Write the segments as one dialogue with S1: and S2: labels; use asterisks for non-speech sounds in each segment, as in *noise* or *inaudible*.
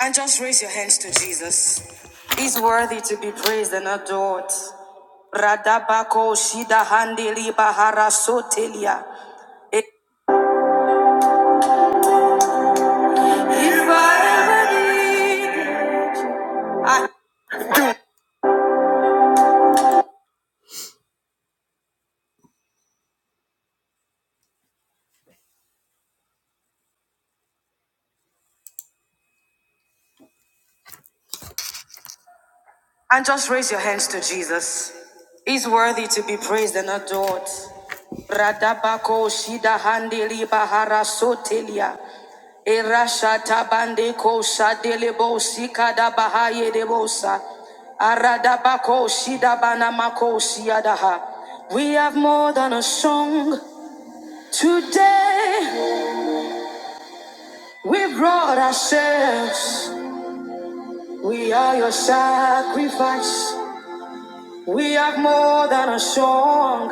S1: And just raise your hands to Jesus. He's worthy to be praised and adored. Radabako shida handeli bahara sotelia. If I ever need, I And just raise your hands to Jesus. He's worthy to be praised and adored. Radabako shida handeli bahara sotelia. Erasha tabande ko shadelebo sikada bahaye debosa. Aradabako shida banamako shiadaha. We have more than a song. Today we brought ourselves. We are your sacrifice. We have more than a song.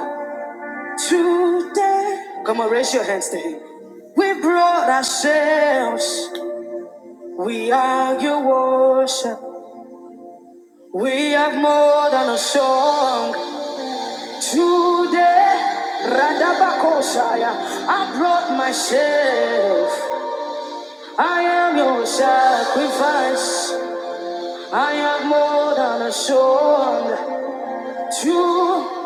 S1: Today, come on, raise your hands to Him. We brought ourselves. We are your worship. We have more than a song. Today, Radabakoshaya, I brought myself. I am your sacrifice. I am more than a song. To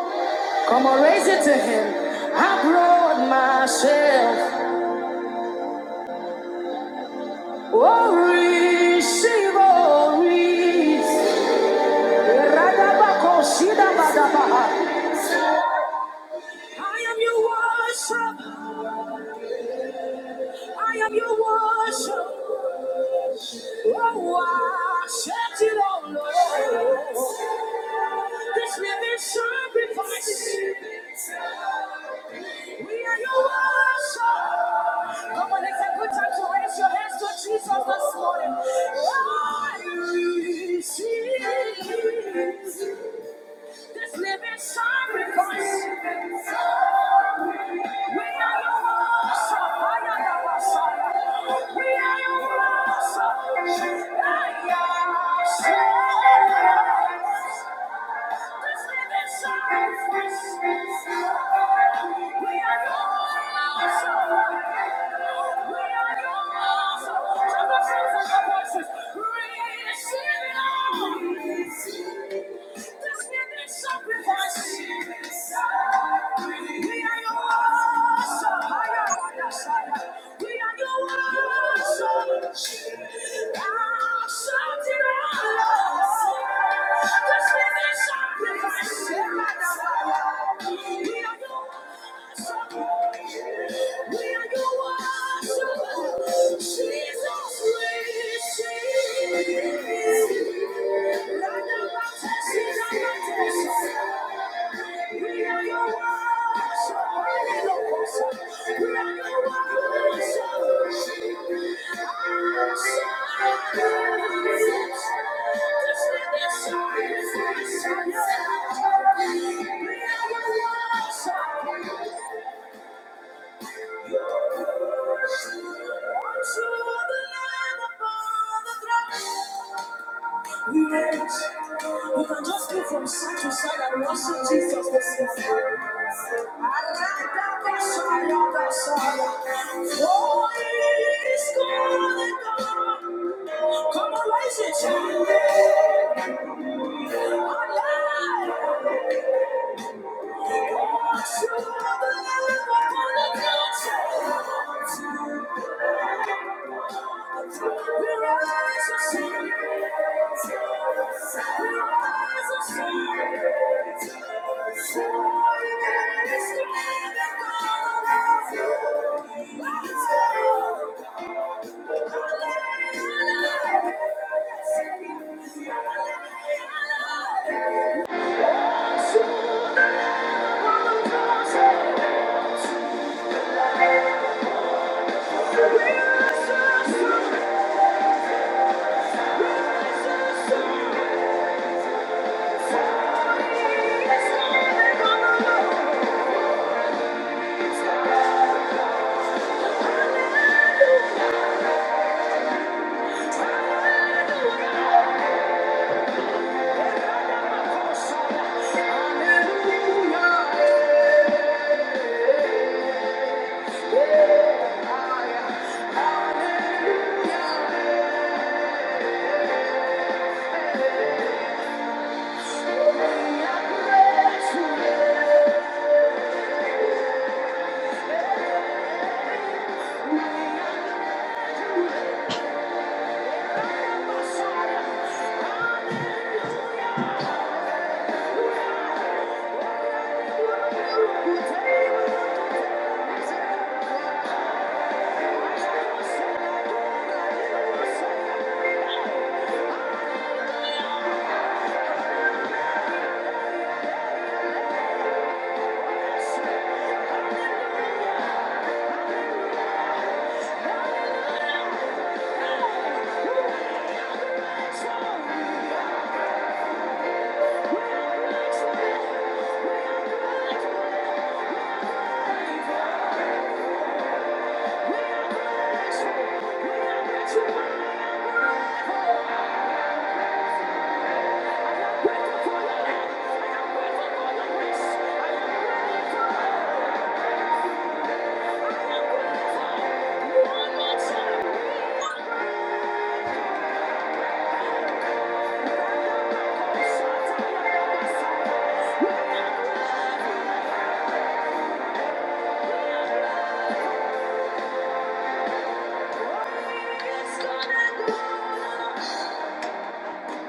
S1: come on, raise it to Him. I brought myself. Oris, Oris, Radabakosida Badabaha. I am your worship. I am your worship. Oh, I set it all, Lord. This living sacrifice. We are your worship. Come on, it's a good time to raise your hands to Jesus this morning. I receive. This living sacrifice. We are your worship. I am your worship. We are your worship. I am your worship. Sacrifice. We are your yours. We are your worship. we are your worship. We are your worship. Jesus, we receive. Thank you. You can just go from side to side and worship Jesus this morning. Oh, it is God. Come on, raise your child. Thank you. Thank you.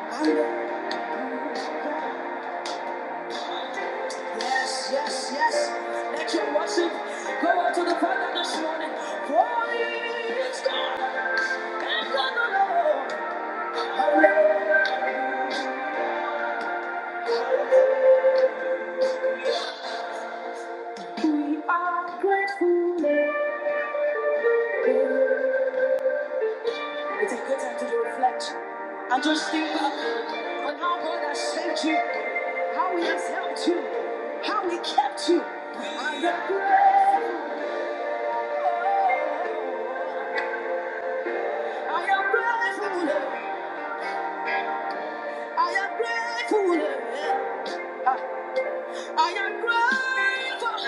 S1: Yes, yes, yes. Let your worship go out to the Father this morning. For you are grateful. And how we, how he has helped you. How we do. I am grateful. I am grateful. I am grateful. I am grateful.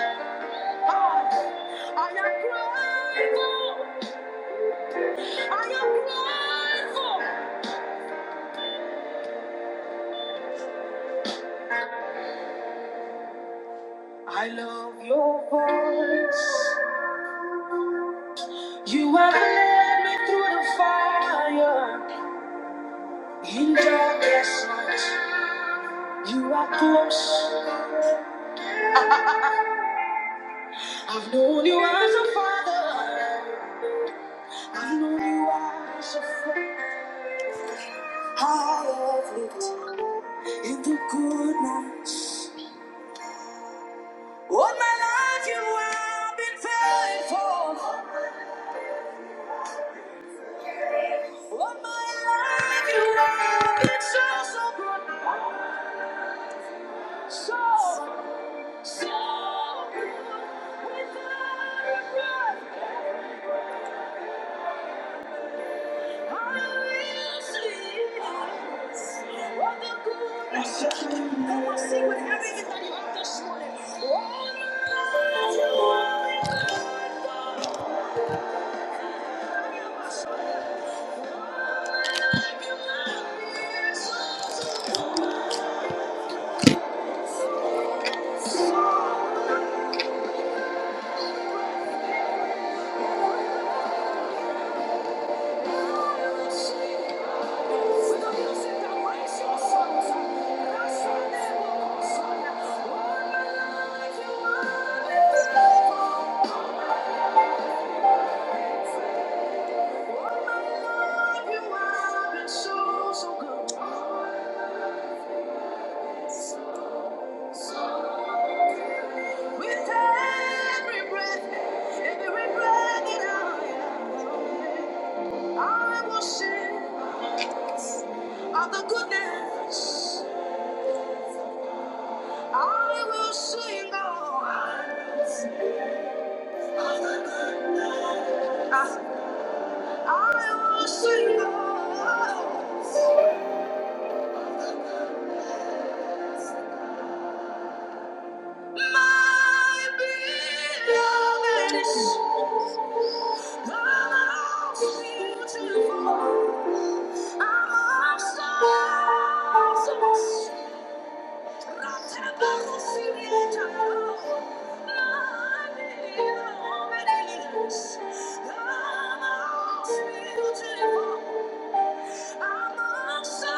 S1: I love your voice. You have led me through the fire. In darkest night, you are close. I've known you as a father. I've known you as a friend. I have lived in the good nights. All my life you have been faithful. All my life you have been so, so good. Come sing with everything. With every breath, every breath that I am, I will sing of the goodness. I will sing on. I will sing on. My beloved is how Beautiful. I'm so my beloved is how beautiful. Thank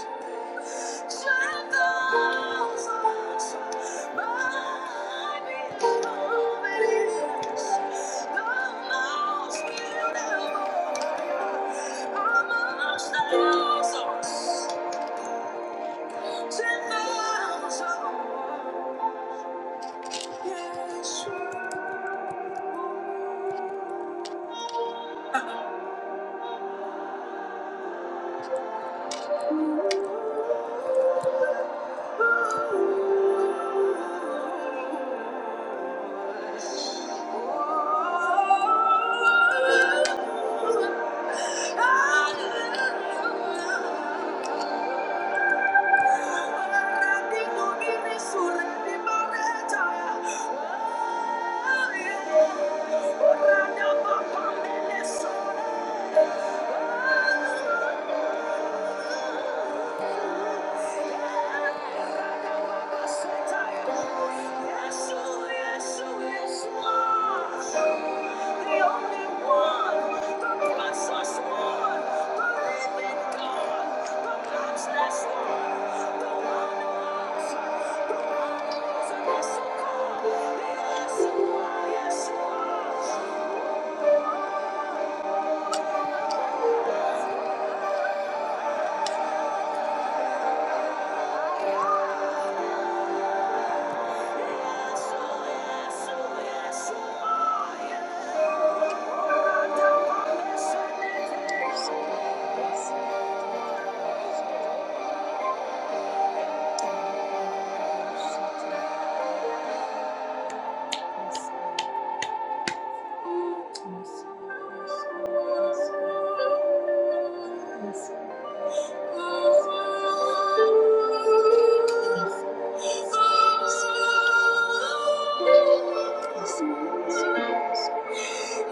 S1: you. Thank you. Yes, you are. Yes, you are. Yes. Thank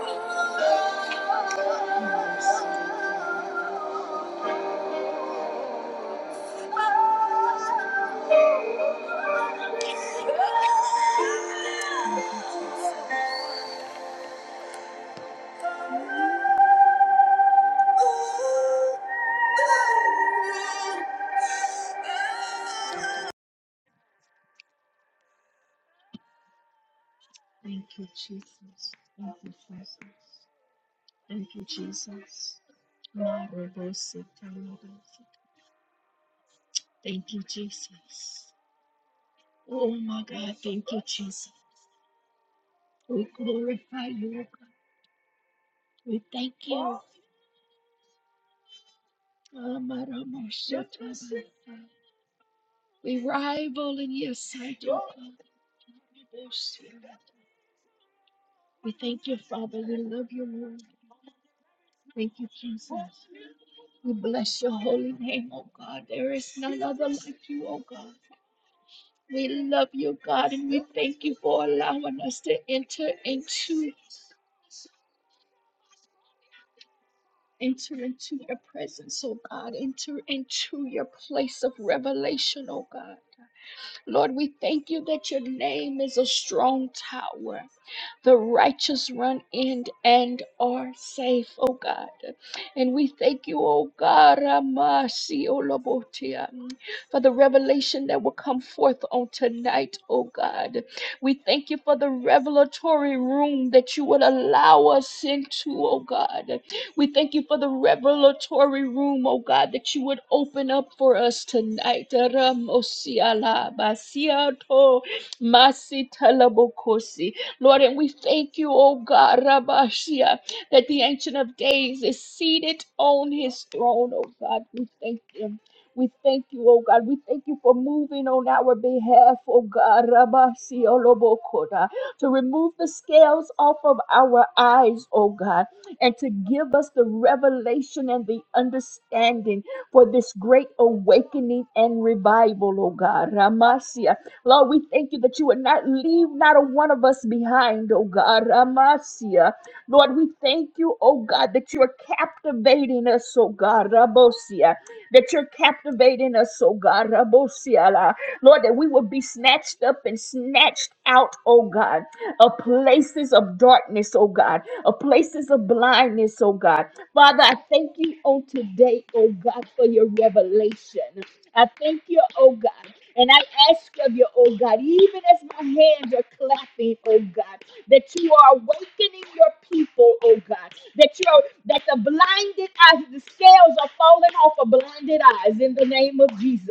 S1: you, Jesus. Thank you, Jesus. Thank you, Jesus. My reverse it, I love it. Thank you, Jesus. Oh my God, thank you, Jesus. We glorify you, O God. We thank you. Amaramosatabasa. We rival in your sight, O God. We thank you, Father. We love you, Lord. Thank you, Jesus. We bless your holy name, O God. There is none other like you, O God. We love you, God, and we thank you for allowing us to enter into enter into your presence, O God. Enter into your place of revelation, O God. Lord, we thank you that your name is a strong tower. The righteous run in and are safe, O God. And we thank you, O God, Amasi Olabotia, for the revelation that will come forth on tonight, O God. We thank you for the revelatory room that you would allow us into, O God. We thank you for the revelatory room, oh God, that you would open up for us tonight. Ramosiala basiato masitalabokosi. Lord, and we thank you, oh God, Rabashia, that the Ancient of Days is seated on his throne, oh God. We thank you. We thank you, oh God. We thank you for moving on our behalf, oh God. Rabasiolobokota, To remove the scales off of our eyes, oh God, and to give us the revelation and the understanding for this great awakening and revival, oh God. Ramasia. Lord, we thank you that you would not leave not a one of us behind, oh God. Ramasia. Lord, we thank you, oh God, that you are captivating us, oh God, Rabosia, that you're captivating us, oh God, Rabosia, la. Lord, that we will be snatched up and snatched out, oh God, of places of darkness, oh God, of places of blindness, oh God. Father, I thank you on today, oh God, for your revelation. I thank you, oh God. And I ask of you, oh God, even as my hands are clapping, oh God, that you are awakening your people, oh God, that you're that the blinded eyes, the scales are falling off of blinded eyes in the name of Jesus.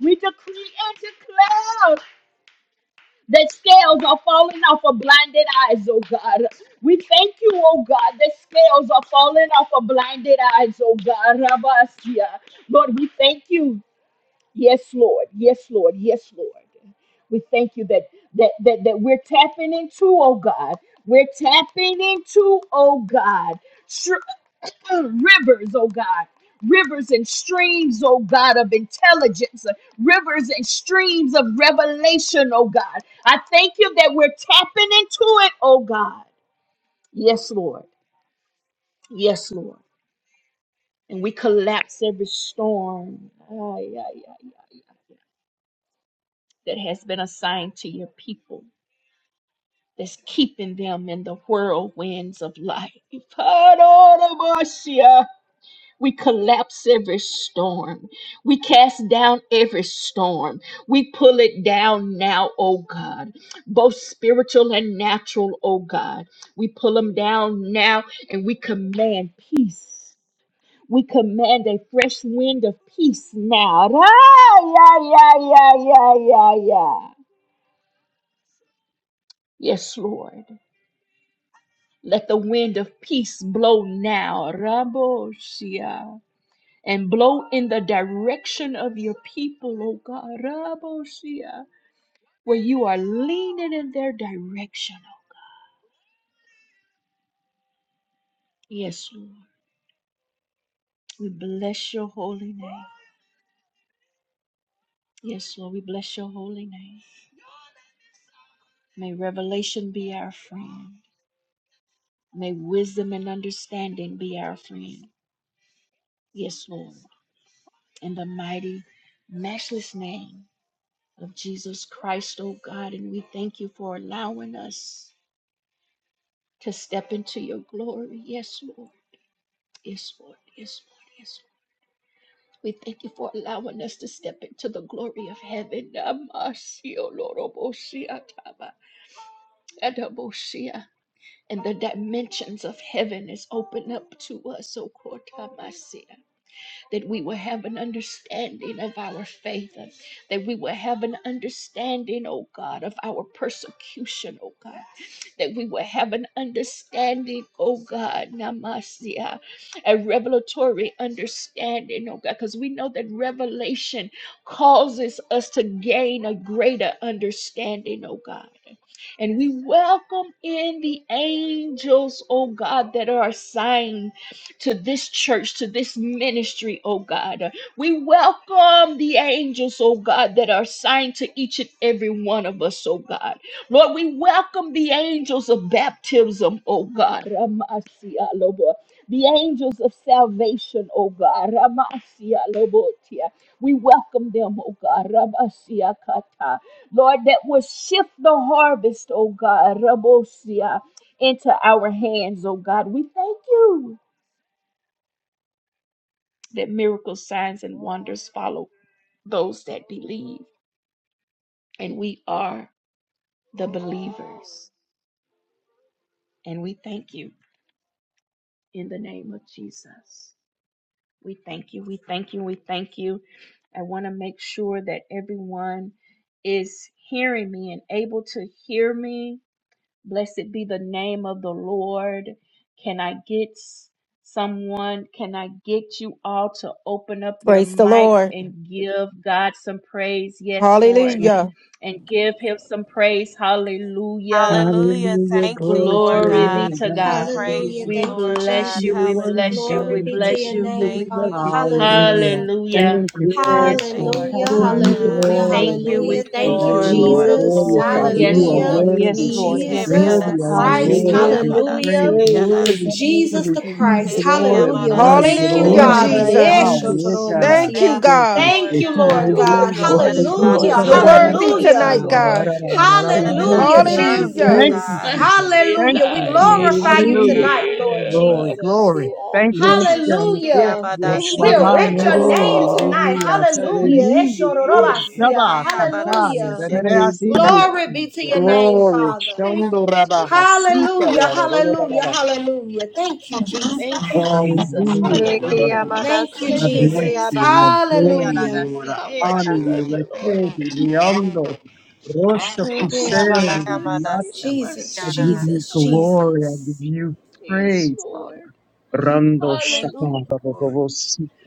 S1: We decree and declare that scales are falling off of blinded eyes, oh God. We thank you, oh God, that scales are falling off of blinded eyes, oh God. Rabasia. Lord, we thank you. Yes, Lord. Yes, Lord. Yes, Lord. We thank you that that that, that we're tapping into, oh God. We're tapping into, oh God. Tr- *clears throat* rivers, oh God. Rivers and streams, oh God, of intelligence, uh, rivers and streams of revelation, oh God. I thank you that we're tapping into it, oh God. Yes, Lord. Yes, Lord. And we collapse every storm. Ay, ay, ay, ay, ay. that has been assigned to your people that's keeping them in the whirlwinds of life. Panoramasia. We collapse every storm. We cast down every storm. We pull it down now, oh God, both spiritual and natural, oh God. We pull them down now and we command peace. We command a fresh wind of peace now. Ra, ya, ya, ya, ya, ya, ya. Yes, Lord. Let the wind of peace blow now, Rabosia, and blow in the direction of your people, O God, Rabosia, where you are leaning in their direction. Yes, Lord. We bless your holy name. Yes, Lord, we bless your holy name. May revelation be our friend. May wisdom and understanding be our friend. Yes, Lord. In the mighty, matchless name of Jesus Christ, oh God, and we thank you for allowing us to step into your glory. Yes, Lord. Yes, Lord. Yes, Lord. Yes, Lord. We thank you for allowing us to step into the glory of heaven. Namasio lorobosia taba, adabosia. And the dimensions of heaven is open up to us, O Kortamasia, that we will have an understanding of our faith, ah. that we will have an understanding, O God, of our persecution, O God that we will have an understanding, oh God, Namasia, a revelatory understanding, oh God, because we know that revelation causes us to gain a greater understanding, oh God. And we welcome in the angels, oh God, that are assigned to this church, to this ministry, oh God. We welcome the angels, oh God, that are assigned to each and every one of us, oh God. Lord, we welcome the angels of baptism, oh God. Ramasia lobo. The angels of salvation, oh God. Ramasia lobotia. We welcome them, oh God. Ramasia kata. Lord, that will shift the harvest, oh God. Rabosia into our hands, oh God. We thank you that miracles, signs, and wonders follow those that believe. And we are the believers. And we thank you. in the name of Jesus. We thank you. We thank you. We thank you. I want to make sure that everyone is hearing me and able to hear me. Blessed be the name of the Lord. Can I get s- someone? Can I get you all to open up your
S2: Praise the
S1: mics
S2: Lord.
S1: and give God some praise? Yes,
S3: Yes,
S1: Lord.
S3: ma'am.
S2: Hallelujah.
S1: And give him some praise. Hallelujah.
S4: Hallelujah.
S3: Hallelujah.
S4: Thank you,
S3: Glory to
S4: Lord
S3: your
S1: Glory
S4: God.
S1: be
S3: name,
S1: to
S4: We
S3: God.
S1: God.
S4: praise
S5: Hallelujah.
S3: Hallelujah.
S4: you,
S1: We
S5: Thank you,
S4: Lord
S1: bless
S4: God.
S1: you.
S3: You're
S1: We
S5: Jesus.
S3: worthy,
S1: bless you.
S3: God.
S5: Glory
S1: We
S4: Hallelujah.
S5: be to
S1: bless
S5: your
S1: you.
S3: Hallelujah.
S5: name,
S3: We
S4: Thank
S3: love
S4: you,
S5: Father.
S3: you, Jesus.
S4: Jesus.
S6: Hallelujah.
S5: Hallelujah.
S1: Hallelujah.
S6: Thank you,
S3: Yes,
S6: Father.
S1: Yes,
S4: Thank
S3: God.
S4: you,
S1: Lord.
S6: I
S5: Hallelujah.
S6: give
S4: Lord
S6: you
S3: Hallelujah,
S1: We
S5: Hallelujah.
S4: God.
S6: glory
S1: thank
S6: and
S3: Jesus.
S1: you.
S5: Hallelujah.
S4: Thank
S1: We
S6: bless
S4: you,
S6: your
S1: thank
S5: Thank you,
S1: you,
S4: Lord,
S6: name and
S1: Lord.
S4: Lord of
S3: Glory
S6: adore
S3: to
S5: Jesus.
S3: your
S6: you,
S4: Lord,
S6: Father.
S3: name,
S1: Yes,
S6: You
S4: King
S6: are
S3: God.
S5: Hallelujah.
S1: Lord.
S4: of
S1: Yes,
S6: worthy.
S1: Lord.
S4: Kings.
S3: Hallelujah.
S1: Yes,
S4: Heavy
S5: Jesus the
S1: Lord.
S6: Worthy are
S4: adasi,
S6: you,
S3: You're
S5: Christ.
S4: shake
S6: Lord, to
S1: Hallelujah.
S3: worthy
S6: be
S3: to be
S4: abadasi,
S5: Hallelujah.
S6: praised.
S4: ke
S3: praised in
S6: Worthy
S4: adasi,
S3: the name
S6: to
S3: of
S5: Jesus the
S3: Jesus.
S6: receive
S5: Christ.
S1: You
S4: heke
S1: do
S6: glory
S1: it
S6: and
S5: Hallelujah. We
S1: for
S6: honor,
S1: us,
S4: amadadasi.
S5: thank you,
S4: Thank
S2: Hallelujah,
S3: Yes,
S1: Lord.
S4: you,
S6: dominion
S5: Father.
S6: and
S2: Jesus.
S6: power.
S3: hallelujah,
S4: Jesus.
S6: Look
S1: You
S6: at
S3: Jesus.
S6: us.
S2: Thank you,
S5: Eshotoromasiya.
S4: Thank you,
S6: Thank
S2: God.
S6: you,
S4: Lord
S5: Thank you,
S6: sister.
S4: God.
S5: Lord
S1: do
S5: God.
S4: You
S3: Hallelujah,
S4: are
S6: It's
S4: better
S6: the
S4: than I
S6: peace
S3: hallelujah.
S5: Hallelujah.
S6: of
S2: You're
S6: the
S3: There's
S6: Lord,
S4: deserve,
S6: that's
S3: no
S2: worthy
S4: Lord
S6: the
S3: like you,
S6: fire.
S5: Hallelujah.
S2: tonight,
S4: God.
S6: La,
S3: God.
S6: la,
S2: God.
S6: la,
S4: You're
S6: la, la,
S3: There's
S4: better
S6: la,
S4: than
S6: that's
S4: I
S5: Hallelujah,
S3: nothing
S6: the-
S3: that
S4: deserve, Lord
S2: Hallelujah.
S3: compares to
S6: Thank you,
S5: Jesus.
S3: like
S4: God.
S3: you,
S6: Jesus.
S3: God.
S6: Thank
S5: Hallelujah. We
S6: you,
S4: Forgive
S6: Lord.
S4: me,
S5: glorify you
S4: Lord
S3: Hallelujah,
S6: Hallelujah.
S5: tonight,
S4: God.
S5: Lord
S3: Jesus.
S6: Glory,
S5: Jesus.
S6: glory. Thank you,
S3: Yes,
S6: Jesus.
S3: God.
S4: Neshike
S3: Yes,
S5: Hallelujah.
S4: yabada
S3: yes,
S1: it.
S5: We
S3: yes,
S4: sike
S6: Ushaba
S5: erect
S3: God.
S4: yada
S5: your
S6: yere
S5: name
S4: sike
S6: yiri
S5: tonight.
S4: yamada
S6: yatsi.
S5: Hallelujah.
S3: Hallelujah, Jesus.
S6: Ushaba
S4: sike
S5: Eshororobasia.
S6: kata
S4: yabada
S5: Hallelujah.
S6: yere
S4: sike
S3: Hallelujah,
S6: yasito.
S5: Glory be to
S3: Jesus.
S5: your name,
S6: Glory,
S5: Father.
S6: shondo raba hasita
S5: Hallelujah.
S6: yara rara rara
S5: Hallelujah.
S6: rara.
S5: Hallelujah. Thank you,
S6: Oh
S5: Jesus.
S6: my
S3: Hallelujah,
S6: Lord, I
S4: Neke
S6: love
S3: Jesus.
S6: you.
S4: yamada
S5: Thank you,
S6: I bless
S4: sike
S5: Jesus.
S6: you
S4: yabada
S6: and
S4: sike
S6: adore you,
S5: Hallelujah.
S4: yada
S6: Lord. I
S4: sike
S6: honor
S4: yada
S6: you.
S4: sike.
S6: Lekedi liando. Rosha
S4: yabada
S6: kuseri
S4: yamada
S6: liata.
S4: sike
S6: I
S5: Jesus,
S6: give
S4: yada.
S6: you
S5: Jesus,
S6: glory. I give
S5: Jesus.
S6: you praise, Father. Rando shaka
S4: Thank you,
S6: babo
S4: Lord.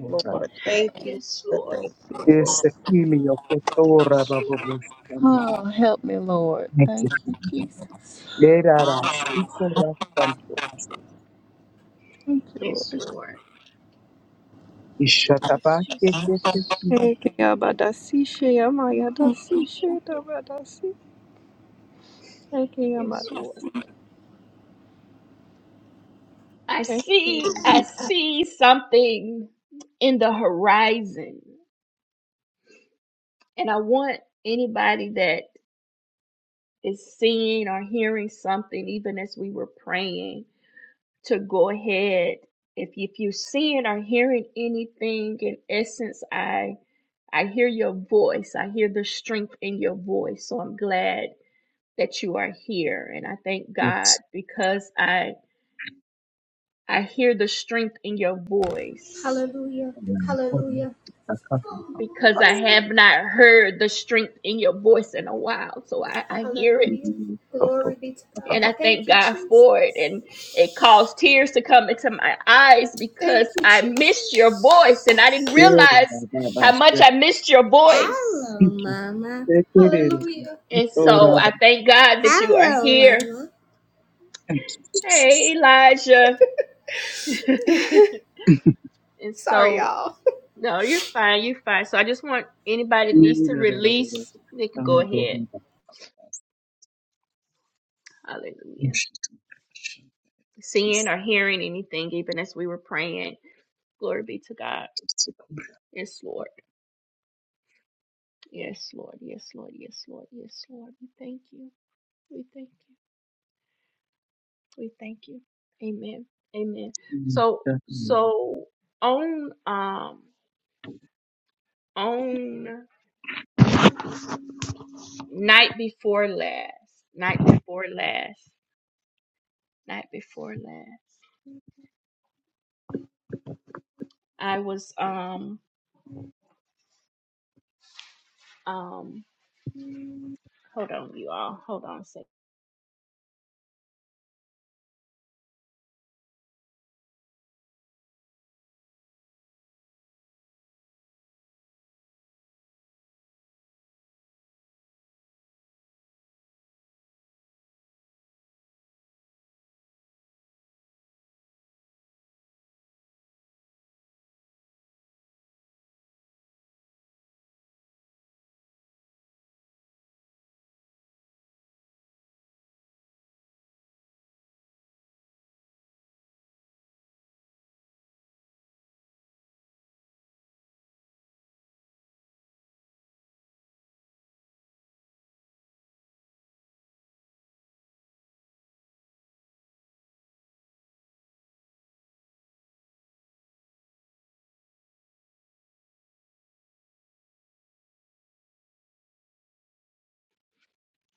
S4: Lord, thank you. Lord. Thank you,
S6: Yes,
S4: Lord.
S6: Kilio, Ketora, Baboshtan,
S4: Oh, help me, Lord. Thank you,
S6: Mexicans,
S4: Jesus.
S6: Erara, Sikora, Santos,
S4: Thank you,
S1: Yes,
S4: Lord.
S1: Lord. Yes,
S6: Ishataba, Kekete,
S1: Jesus.
S6: tu.
S4: Neke yabada sike
S1: We thank
S4: yamayada sike yabada sike
S1: you. Yes,
S4: yamada
S1: Lord. I
S4: Thank you.
S1: see, I see something in the horizon. And I want anybody that is seeing or hearing something, even as we were praying, to go ahead. If if you're seeing or hearing anything, in essence, I I hear your voice. I hear the strength in your voice. So I'm glad that you are here, and I thank God
S6: Yes,
S1: because I I hear the strength in your voice
S5: Hallelujah.
S6: Koran,
S5: Hallelujah.
S6: Takasan,
S1: because I have not heard the strength in your voice in a while. So I I hear it
S5: Hallelujah.
S6: Asiri,
S5: Glory
S6: Toto,
S5: be to God.
S1: and
S6: Bakaba,
S1: I
S5: Thank
S1: thank
S5: you,
S1: God for it.
S5: Jesus.
S1: And it caused tears to come into my eyes because
S5: Thank you,
S1: I missed your voice and I didn't
S5: Jesus.
S1: realize
S6: Erara,
S1: how
S6: Babas,
S1: much I missed your voice.
S5: Hello,
S6: Tiki,
S5: Mama.
S6: Tekere,
S5: Hallelujah.
S1: And so
S6: Itora,
S1: I thank God that you are
S5: Hello,
S1: here.
S5: Mama.
S6: Thank you, Jesus.
S1: Hey, Elijah. *laughs* and so,
S5: Oh.
S1: no, you're fine. You're fine. So I just want anybody that needs to
S6: Erara,
S1: release, they can go
S6: Santo,
S1: ahead.
S6: Babas,
S1: Hallelujah.
S6: Ushitashi,
S1: Seeing
S6: Kiss,
S1: or hearing anything, even as we were praying. Glory be to God. Yes, Lord. Yes, Lord. Yes, Lord. Yes, Lord. Yes, Lord. We thank you. We thank you. We thank you. Amen. Amen. So,
S6: Kiss.
S1: so on um on night before last, night before last, night before last, I was um um hold on, you all, hold on a second.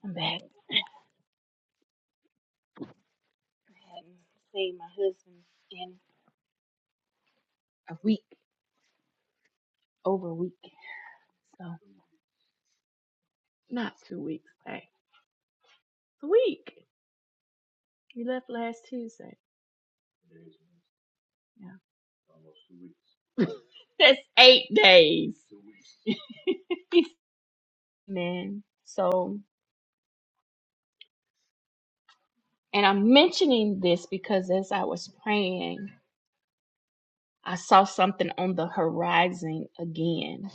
S1: I'm back. I hadn't seen my husband in a week, over a week, so not two weeks back, a week. He left last Tuesday. That's eight days. *laughs* Man. So, and I'm mentioning this because as I was praying, I saw something on the horizon again.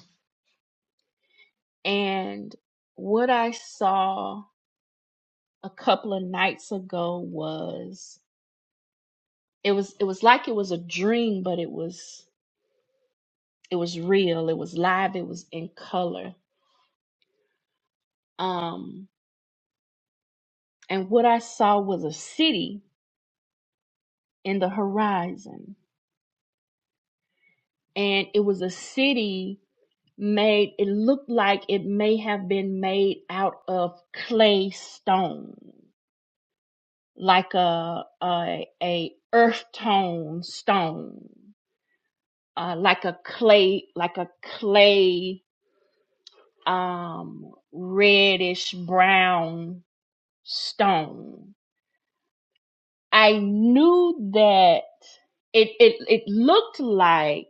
S1: And what I saw a couple of nights ago was it was it was like it was a dream, but it was it was real, it was live, it was in color. Um and what I saw was a city in the horizon. And it was a city made it looked like it may have been made out of clay stone like a a, a earth tone stone uh, like a clay like a clay um reddish brown stone i knew that it it, it looked like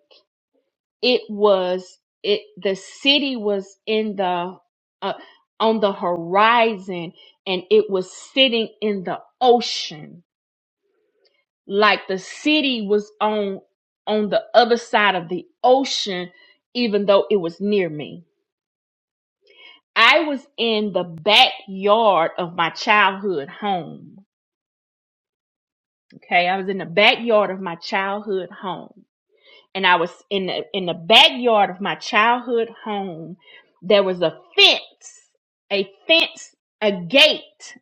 S1: it was it the city was in the uh, on the horizon and it was sitting in the ocean like the city was on on the other side of the ocean even though it was near me i was in the backyard of my childhood home okay i was in the backyard of my childhood home and I was in the in the backyard of my childhood home. There was a fence, a fence, a gate.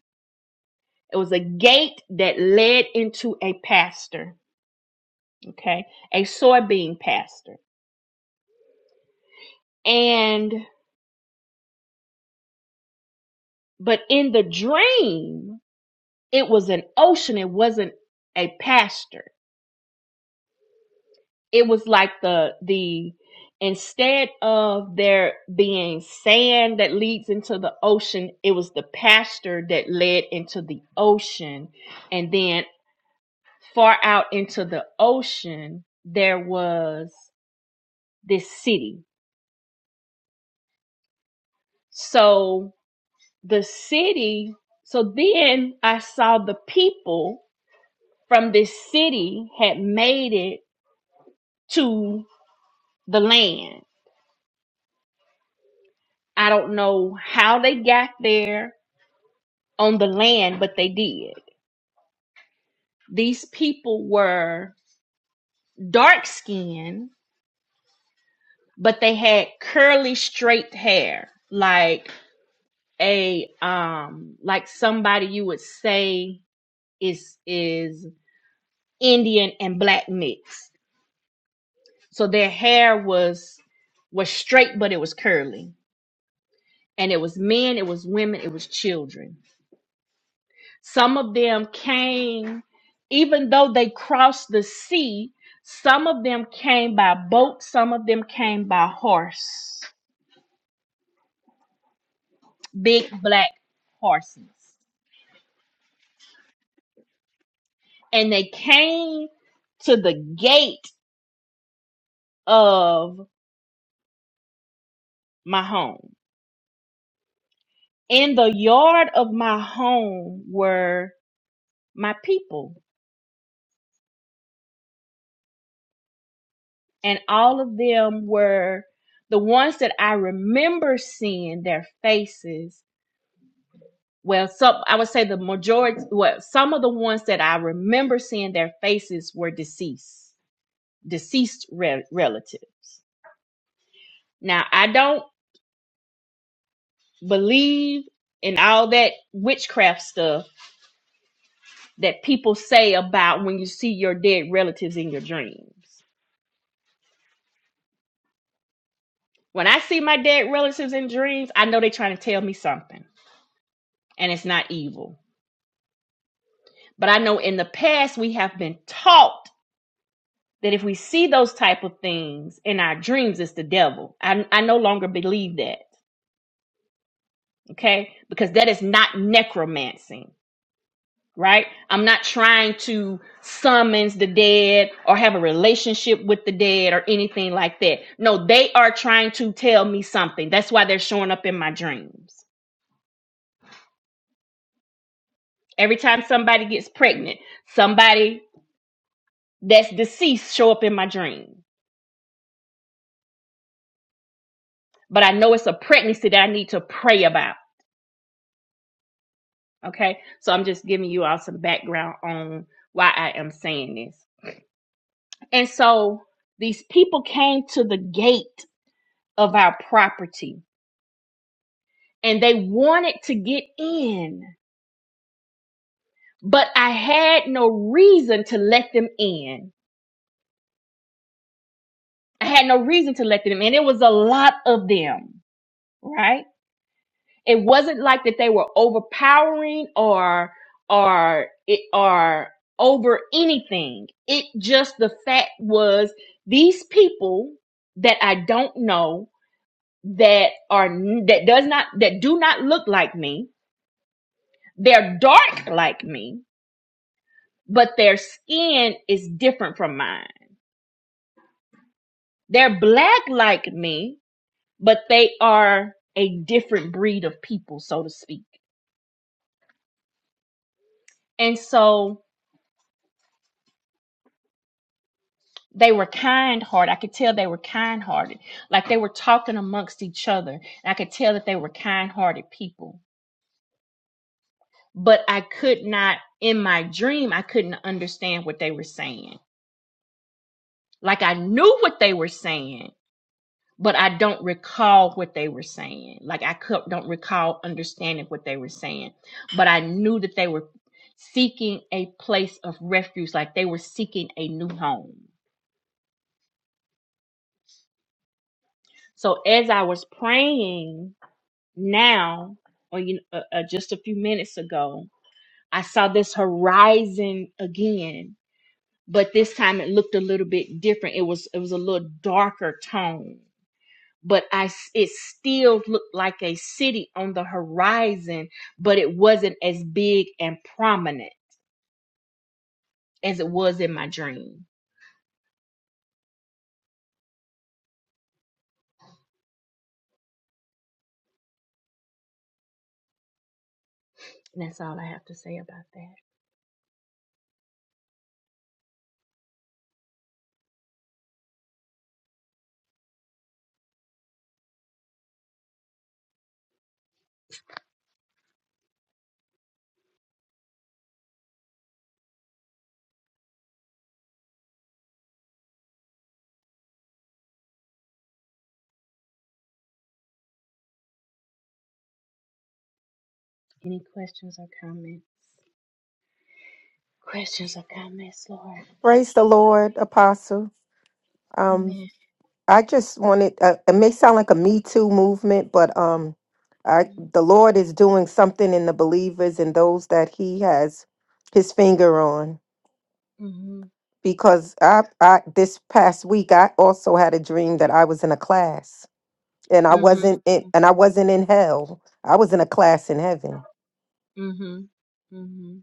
S1: It was a gate that led into a pasture, okay, a soybean pasture. And but in the dream, it was an ocean. It wasn't a pasture. it was like the the instead of there being sand that leads into the ocean it was the pasture that led into the ocean and then far out into the ocean there was this city so the city so then i saw the people from this city had made it to the land i don't know how they got there on the land, but they did. These people were dark skinned, but they had curly straight hair, like a um like somebody you would say is is Indian and black mixed. So their hair was was straight but it was curly. And it was men, it was women, it was children Some of them came, even though they crossed the sea, some of them came by boat, some of them came by horse, big black horses. And they came to the gate of my home. In the yard of my home were my people, and all of them were the ones that I remember seeing their faces Well, some I would say the majority, well, some of the ones that I remember seeing their faces were deceased, deceased re- relatives. Now, I don't believe in all that witchcraft stuff that people say about when you see your dead relatives in your dreams. When I see my dead relatives in dreams, I know they're trying to tell me something, and it's not evil. But I know in the past we have been taught that if we see those type of things in our dreams, it's the devil. I, I no longer believe that. Okay. Because that is not necromancing, right? I'm not trying to summons the dead or have a relationship with the dead or anything like that. No, they are trying to tell me something. That's why they're showing up in my dreams. Every time somebody gets pregnant, somebody that's deceased show up in my dream. But I know it's a pregnancy that I need to pray about. Okay. So I'm just giving you all some background on why I am saying this. And so these people came to the gate of our property and they wanted to get in, but I had no reason to let them in. I had no reason to let them in. It was a lot of them, right? it wasn't like that they were overpowering or or it or over anything it just the fact was these people that i don't know that are that does not that do not look like me they're dark like me but their skin is different from mine they're black like me but they are a different breed of people so to speak and so they were kind hearted. I could tell they were kind hearted. Like they were talking amongst each other. And I could tell that they were kind hearted people. But I could not, in my dream, I couldn't understand what they were saying. Like I knew what they were saying, but I don't recall what they were saying. Like I could, don't recall understanding what they were saying. But I knew that they were seeking a place of refuge, like they were seeking a new home. So as I was praying, now or you uh, uh, just a few minutes ago i saw this horizon again but this time it looked a little bit different it was it was a little darker tone but i s- it still looked like a city on the horizon but it wasn't as big and prominent as it was in my dream and that's all i have to say about that
S2: Praise the Lord, Apostle. Um, I just wanted. Uh, it may sound like a Me Too movement, but um, I the Lord is doing something in the believers and those that He has His finger on.
S1: mm-hmm
S2: Because I, I this past week, I also had a dream that I was in a class and I wasn't
S1: mm-hmm
S2: in and I wasn't in hell. I was in a class in heaven.
S1: mm-hmm mm-hmm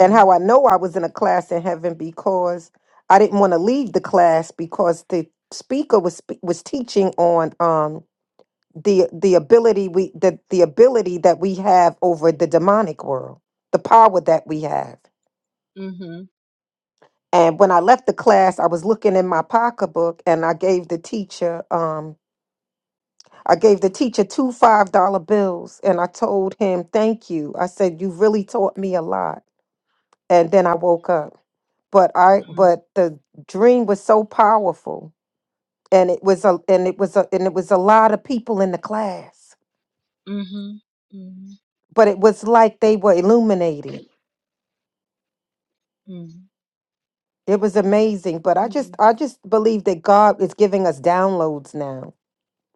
S2: And how I know I was in a class in heaven because I didn't want to leave the class because the speaker was spe- was teaching on um the the ability we the, the ability that we have over the demonic world, the power that we have.
S1: mm-hmm
S2: And when I left the class, I was looking in my pocketbook and I gave the teacher um, I gave the teacher two $5 bills and I told him, "Thank you." I said, "You really taught me a lot." And then I woke up. But I but the dream was so powerful and it was a and it was a and it was a lot of people in the class.
S1: mm-hmm
S2: But it was like they were illuminated.
S1: mm-hmm
S2: It was amazing, but I just
S1: Mm,
S2: I just believe that God is giving us downloads now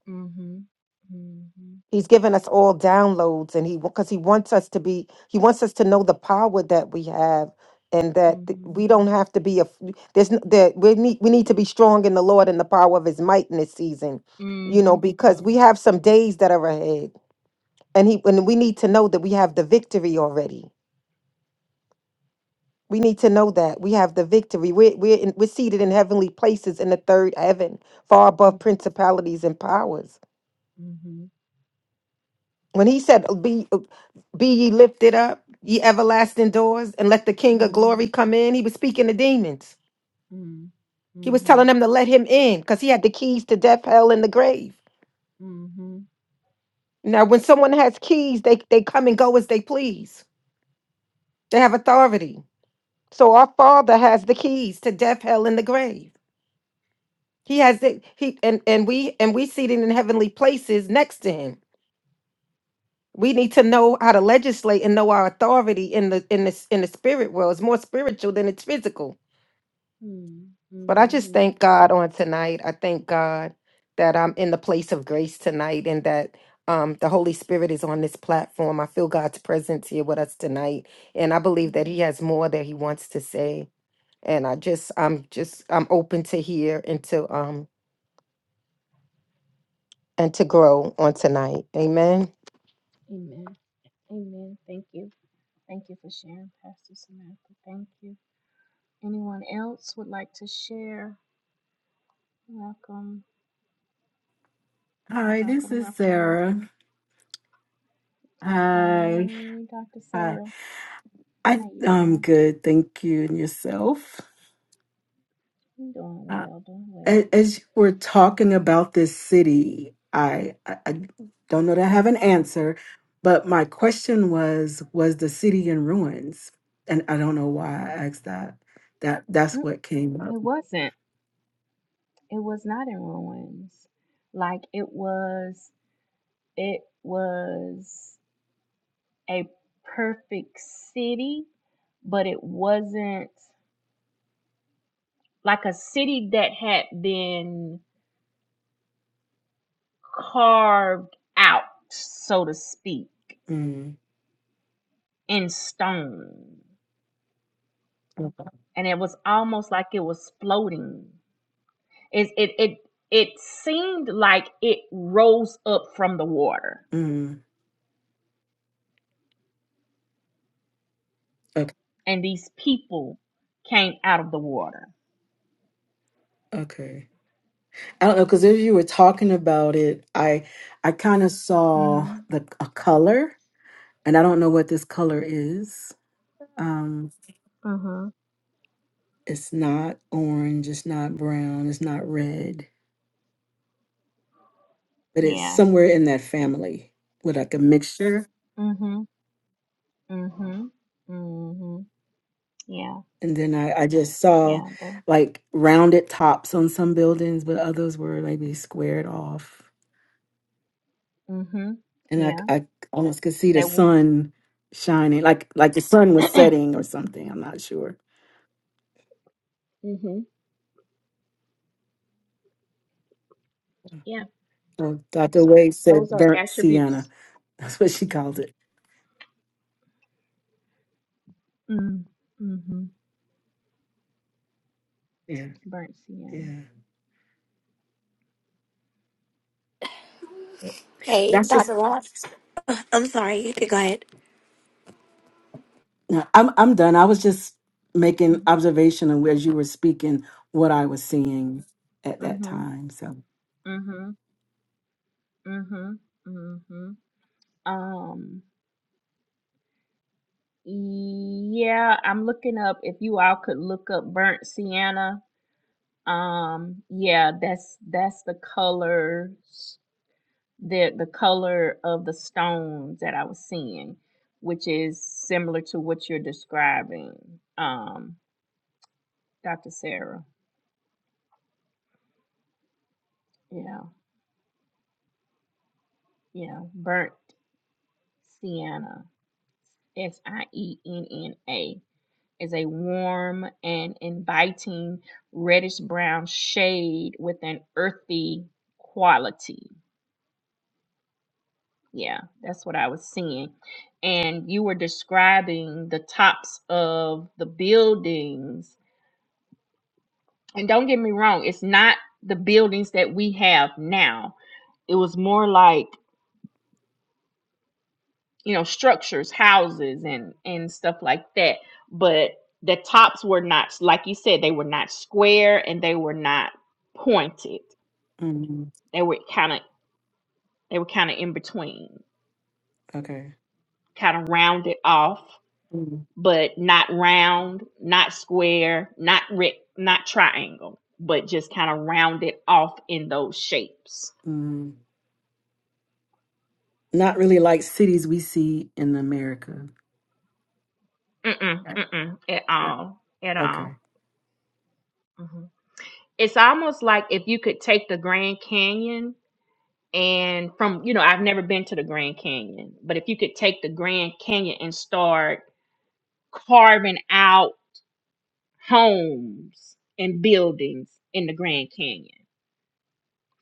S1: mhm, mhm,
S2: He's given us all downloads, and he because he wants us to be, he wants us to know the power that we have, and that th-
S1: mhm,
S2: we don't have to be a. There's n- that we need we need to be strong in the Lord and the power of His might in this season, you know,
S1: mhm,
S2: because we
S1: mm,
S2: have some days that are ahead, and he and we need to know that we have the victory already. We need to know that we have the victory. We're we're in, we're seated in heavenly places in the third heaven, far
S1: yeah,
S2: above principalities and powers.
S1: mhm,
S2: When he said, "Oh, "Be oh, be ye lifted up, ye everlasting doors, and let the King of
S1: mhm,
S2: glory come in," he was speaking to demons.
S1: mhm, mm,
S2: He was telling
S1: mhm,
S2: them to let him in because he had the keys to death, hell, and the grave.
S1: mhm.
S2: Now, when someone has keys, they, they come and go as they please. They have authority. So our Father has the keys to death, hell, and the grave. He has it. He and and we and we seated in heavenly places next to him. We need to know how to legislate and know our authority in the in the in the spirit world. It's more spiritual than it's physical
S1: Mm,
S2: But I just
S1: mhm,
S2: thank God on tonight. I thank God that I'm in the place of grace tonight and that um, the Holy Spirit is on this platform. I feel God's presence here with us tonight. And I believe that
S1: mhm.
S2: He has more that He wants to say. And I just, I'm just, I'm open to hear and to um, and to grow on tonight. Amen.
S7: Hi, this is Sarah. Hi, hi. I, I'm good, thank you, and yourself. Uh, a- as you we're talking about this city, I, I I don't know that I have an answer, but my question was, was the city in ruins? And I don't know why I asked that. That that's what came up.
S1: perfect city, but it wasn't like a city that had been carved out, so to speak,
S7: Mm,
S1: in stone. And it was almost like it was floating. It, it, it, it seemed like it rose up from the water,
S7: mm, okay,
S1: and these people came out of the water.
S7: okay. I don't know because as you were talking about it, I I kind of saw
S1: hmm
S7: the a color. and I don't know what this color is. Um,
S1: hmm
S7: it's not orange, it's not brown, it's not red, but it's somewhere in that family with like a mixture. And then I, I just saw like rounded tops on some buildings, but others were maybe squared off. And I, I almost could see the sun shining, like like the sun was setting or something. I'm not sure.
S1: Yes.
S7: So Dr. Wade said burnt sienna. *laughs* That's what she called it. Yeah, yeah. But
S8: Hey,
S7: That's just
S8: Dr. Rock. I'm sorry, you can go ahead.
S7: No, I'm I'm done. I was just making observation of as you were speaking what I was seeing at that
S1: hmm
S7: time. So
S1: hmm hmm hmm Um. Yeah, I'm looking up. If you all could look up burnt sienna, Um, yeah, that's that's the colors the the color of the stones that I was seeing, which is similar to what you're describing, um, Dr. Sarah. Yeah, yeah. Burnt sienna, S I E N N A, is a warm and inviting reddish brown shade with an earthy quality. Yeah, that's what I was seeing. And you were describing the tops of the buildings. And don't get me wrong, it's not the buildings that we have now. It was more like, you know, structures, houses and and stuff like that. But the tops were not like you said, they were not square and they were not pointed.
S7: mm,
S1: They were kind of they were kind of in between,
S7: Okay.
S1: kind of rounded off.
S7: mm,
S1: but not round, not square, not rec- not triangle, but just kind of rounded off in those shapes.
S7: mm. not really like cities we see in America.
S1: Mm-mm,
S7: Right.
S1: mm-mm, at
S7: Right.
S1: all, at all.
S7: Okay.
S1: hmm It's almost like if you could take the Grand Canyon and from, you know, I've never been to the Grand Canyon, but if you could take the Grand Canyon and start carving out homes and buildings in the Grand Canyon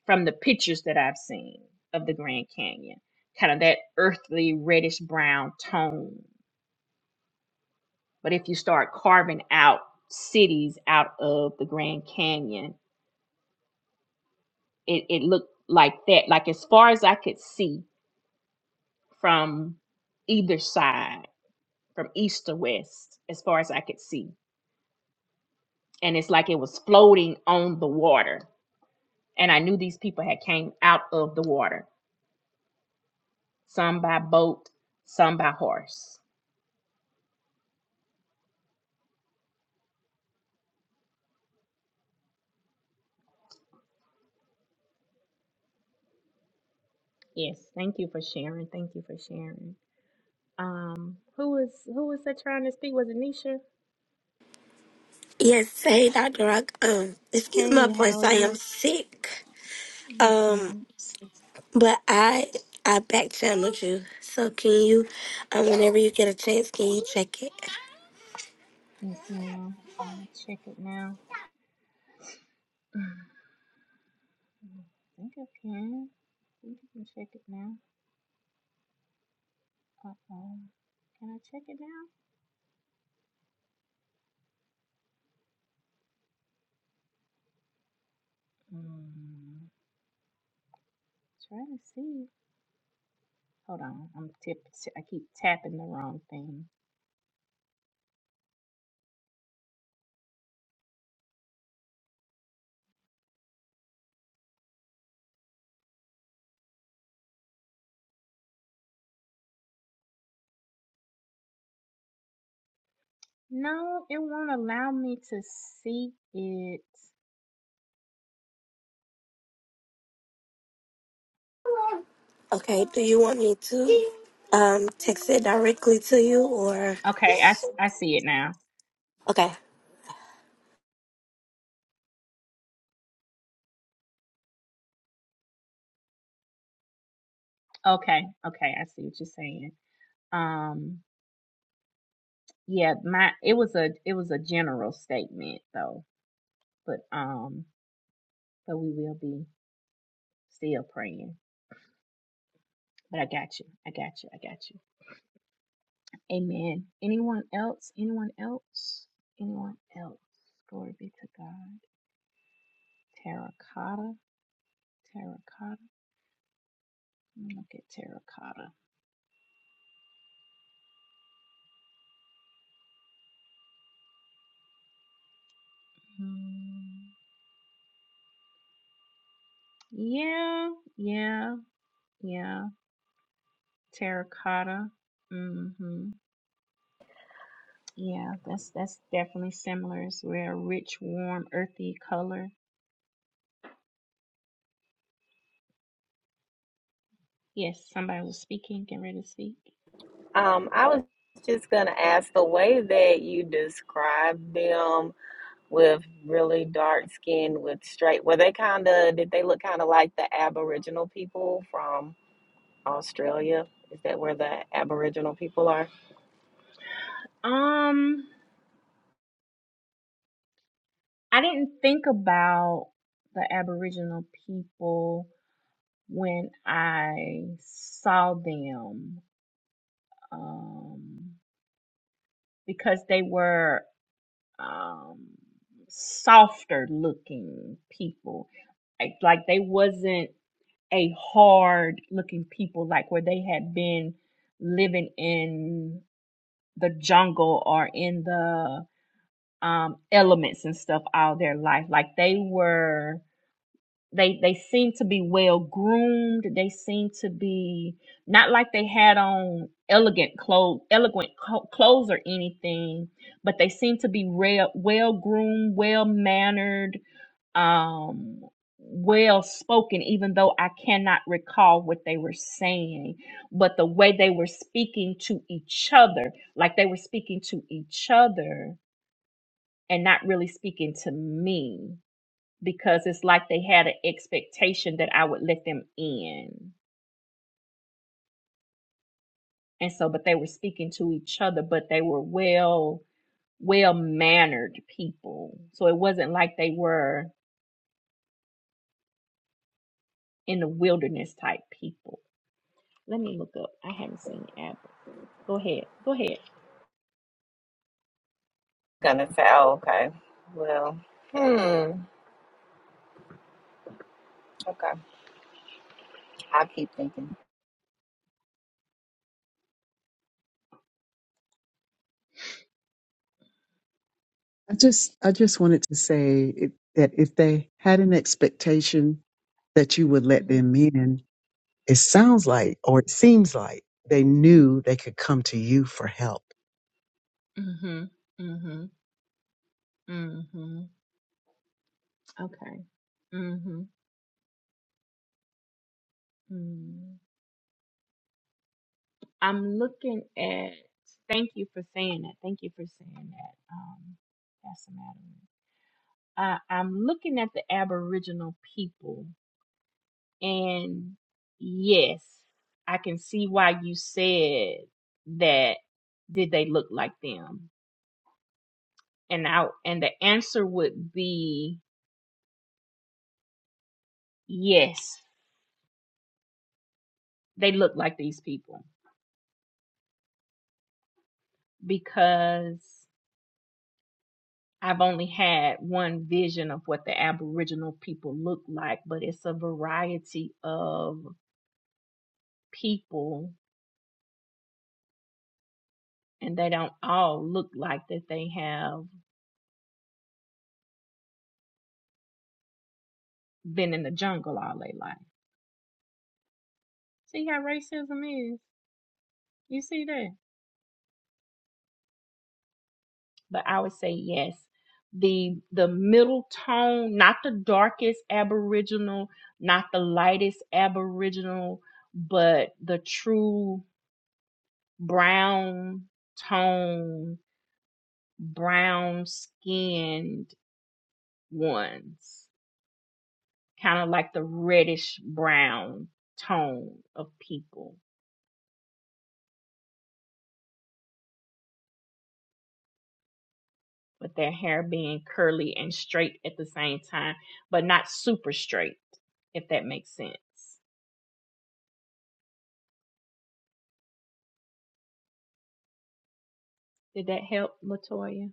S1: from the pictures that I've seen of the Grand Canyon, kind of that earthly reddish brown tone. But if you start carving out cities out of the Grand Canyon, it, it looked like that. Like as far as I could see from either side, from east to west, as far as I could see. And it's like it was floating on the water. And I knew these people had came out of the water, some by boat, some by horse Yes, thank you for sharing. Thank you for sharing. Um, who was who was that trying to speak? Was it Nisha?
S8: Yes, hey, Dr. Rock. Um, excuse my
S1: Hey, how
S8: voice,
S1: are
S8: I am
S1: you?
S8: sick.
S1: Yes,
S8: Um,
S1: ma'am.
S8: but I I back channeled you. So can you, um, whenever you get a chance, can you check it?
S1: Yes, ma'am. I'm gonna check it now. I think I can. I think I can check it now. Uh oh. Can I check it now? Mm, trying to see. Hold on. I'm tip. I keep tapping the wrong thing. No, it won't allow me to see it.
S8: Okay, do you want me to um text it directly to you or?
S1: Okay, I, s- I see it now.
S8: okay.
S1: Okay, okay, I see what you're saying. Um. Yeah, my it was a it was a general statement though. But um but we will be still praying. But I got you. I got you. I got you. Amen. Anyone else? Anyone else? Anyone else? Glory be to God. Terracotta. Terracotta. Let me look at terracotta. Hmm. Yeah, yeah, yeah. Terracotta. Mm-hmm. Yeah, that's that's definitely similar. It's a rich, warm, earthy color Yes, somebody was speaking, getting ready to speak.
S4: Um, I was just gonna ask the way that you described them with really dark skin with straight, were they kind of, did they look kind of like the Aboriginal people from Australia? Is that where the Aboriginal people are?
S1: Um, I didn't think about the Aboriginal people when I saw them, um, because they were um, softer looking people. Like, like they wasn't a hard looking people like where they had been living in the jungle or in the um, elements and stuff all their life. Like they were, they they seemed to be well groomed. They seemed to be not like they had on elegant clothes, elegant co- clothes or anything, but they seemed to be real, well groomed, well mannered, um, well spoken. Even though I cannot recall what they were saying, but the way they were speaking to each other, like they were speaking to each other and not really speaking to me because it's like they had an expectation that I would let them in. And so, but they were speaking to each other, but they were well, well mannered people. So it wasn't like they were in the wilderness type people. Let me look up. I haven't seen Apple. Go ahead. Go ahead.
S4: Gonna say, oh, okay. Well, hmm, okay. I keep thinking.
S6: I just I just wanted to say it, that if they had an expectation that you would let them in, it sounds like or it seems like they knew they could come to you for help.
S1: Mm-hmm. Mm-hmm. Mm-hmm. Okay. Mm-hmm. Mm-hmm. I'm looking at. Thank you for saying that. Thank you for saying that. Um, that's the matter. Uh, I'm looking at the Aboriginal people, and yes, I can see why you said that. Did they look like them? And I and the answer would be yes. They look like these people because I've only had one vision of what the Aboriginal people look like, but it's a variety of people, and they don't all look like that they have been in the jungle all their life. See how racism is? You see that? But I would say yes. The the middle tone, not the darkest Aboriginal, not the lightest Aboriginal, but the true brown tone brown skinned ones, kind of like the reddish brown tone of people, with their hair being curly and straight at the same time, but not super straight, if that makes sense. Did that help, Latoya?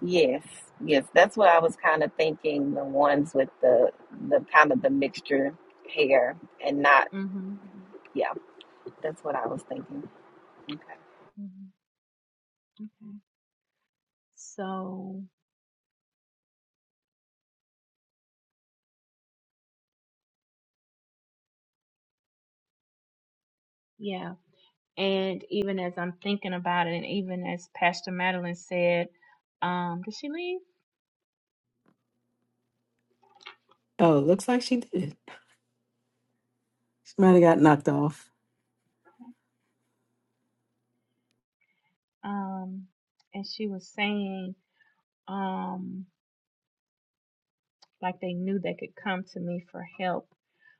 S4: Yes, yes, that's what I was kind of thinking. The ones with the the kind of the mixture hair and not.
S1: Mhm.
S4: yeah, That's what I was thinking. Okay.
S1: Mhm. Okay. So yeah, and even as I'm thinking about it, and even as Pastor Madeline said, um, did she leave?
S7: Oh, looks like she did. She might have got knocked off.
S1: Um, and she was saying, um, like they knew they could come to me for help,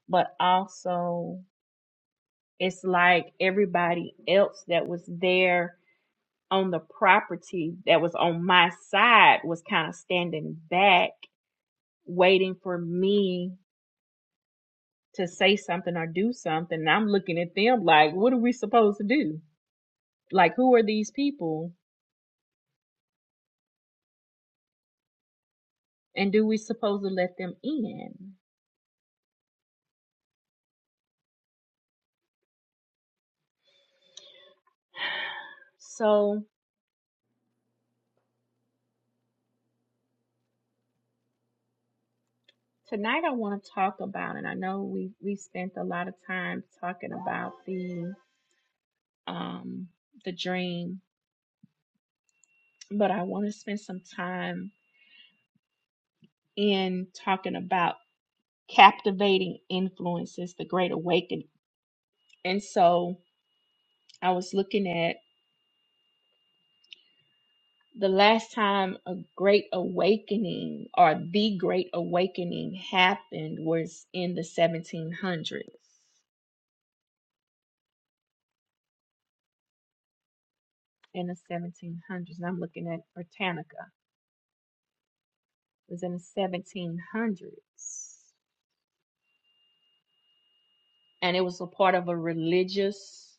S1: but also it's like everybody else that was there on the property that was on my side was kind of standing back, waiting for me to say something or do something. And I'm looking at them like, what are we supposed to do? Like, who are these people? And do we supposed to let them in? So tonight I want to talk about, and I know we we spent a lot of time talking about the um the dream, but I want to spend some time in talking about captivating influences the great awakening and so i was looking at the last time a great awakening or the great awakening happened was in the 1700s in the 1700s and i'm looking at britannica it was in the 1700s and it was a part of a religious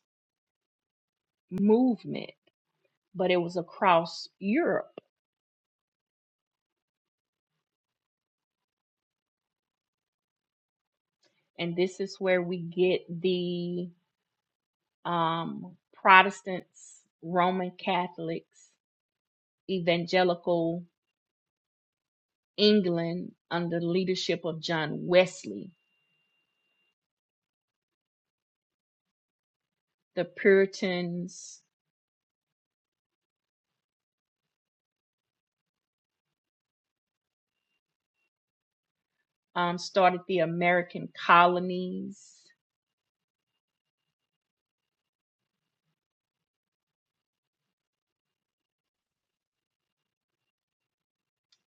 S1: movement but it was across europe and this is where we get the um, Protestants, Roman Catholics, Evangelical England under the leadership of John Wesley. The Puritans um, started the American colonies,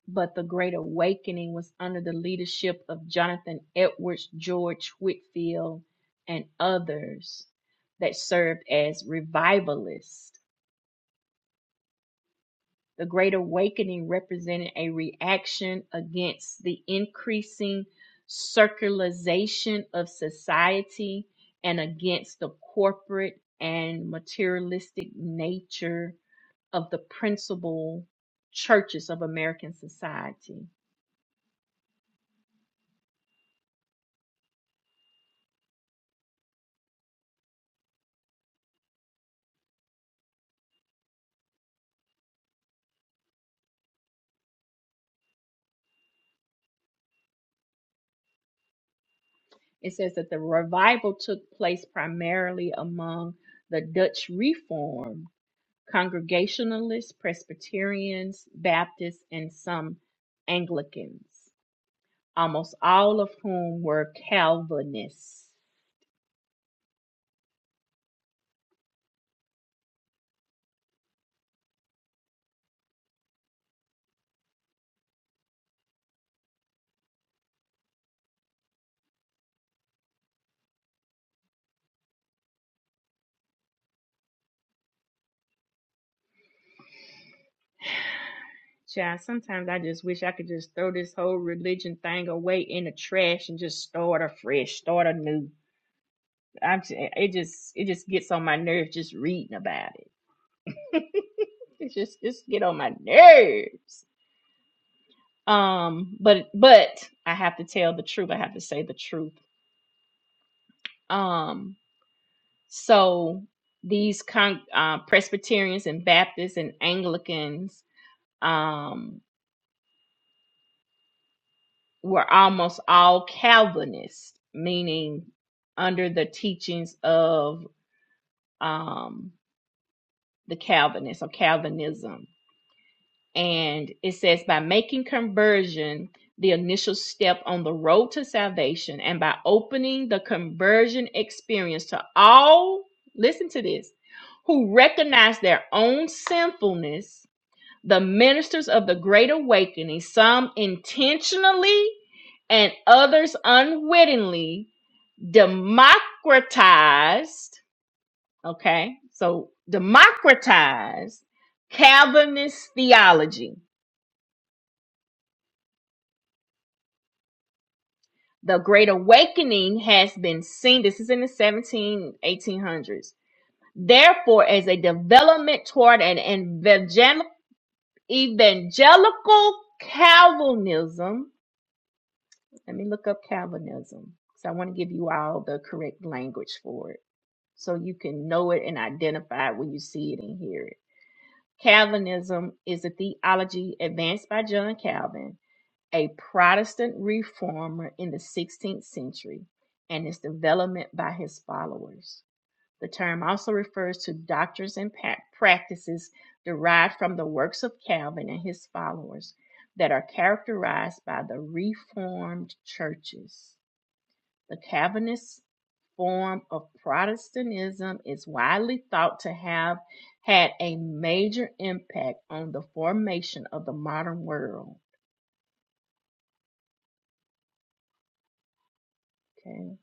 S1: but the Great Awakening was under the leadership of Jonathan Edwards, George Whitfield, and others that served as revivalists. The Great Awakening represented a reaction against the increasing circularization of society and against the corporate and materialistic nature of the principal churches of American society. It says that the revival took place primarily among the Dutch Reformed, Congregationalists, Presbyterians, Baptists, and some Anglicans. almost all of whom were Calvinists. Child, sometimes I just wish I could just throw this whole religion thing away in the trash and just start afresh, start anew. I'm just, it just it just gets on my nerves just reading about it. *laughs* it just just get on my nerves. Um, but but I have to tell the truth. I have to say the truth. Um, so these con- uh, Presbyterians and Baptists and Anglicans um. were almost all Calvinists, meaning under the teachings of um, the Calvinists or Calvinism. And it says, by making conversion the initial step on the road to salvation and by opening the conversion experience to all, listen to this, who recognize their own sinfulness the ministers of the Great Awakening, some intentionally and others unwittingly, democratized, okay, so democratized Calvinist theology. The Great Awakening has been seen, this is in the seventeen eighteen hundreds. therefore, as a development toward an evangel- evangelical Calvinism Let me look up Calvinism because I want to give you all the correct language for it so you can know it and identify it when you see it and hear it. Calvinism is a theology advanced by John Calvin, a Protestant reformer in the 16th century, and its development by his followers. The term also refers to doctrines and practices derived from the works of Calvin and his followers that are characterized by the Reformed churches. The Calvinist form of Protestantism is widely thought to have had a major impact on the formation of the modern world. Okay.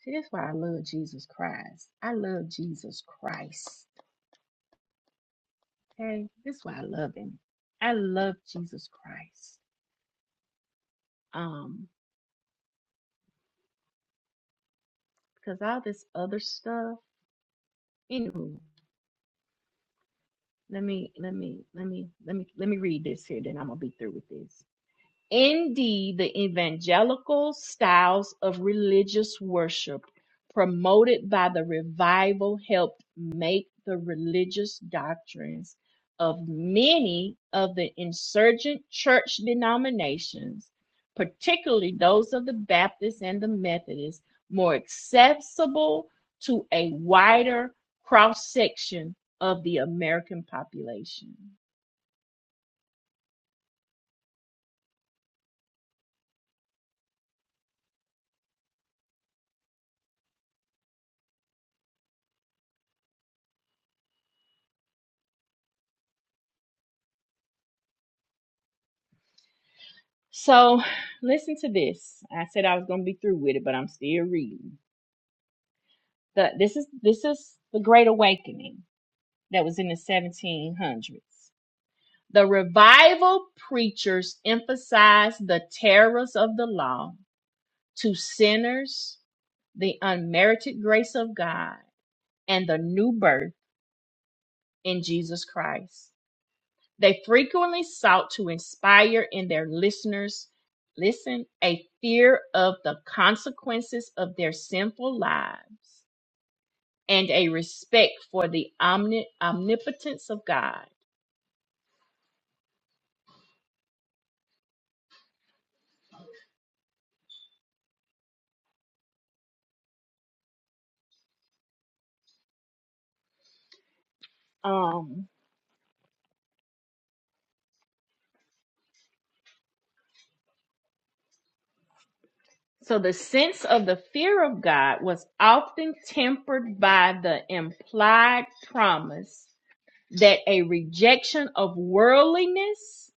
S1: See, that's why I love Jesus Christ. I love Jesus Christ. Okay. This is why I love him. I love Jesus Christ. Um, because all this other stuff, anywho, let me let me let me let me let me read this here, then I'm gonna be through with this. Indeed, the evangelical styles of religious worship promoted by the revival helped make the religious doctrines of many of the insurgent church denominations, particularly those of the Baptists and the Methodists, more accessible to a wider cross section of the American population. So listen to this. I said I was going to be through with it, but I'm still reading. The, this is this is the Great Awakening that was in the 1700s. The revival preachers emphasized the terrors of the law to sinners, the unmerited grace of God, and the new birth in Jesus Christ. They frequently sought to inspire in their listeners, listen, a fear of the consequences of their sinful lives and a respect for the omni- omnipotence of God. Um, so the sense of the fear of God was often tempered by the implied promise that a rejection of worldliness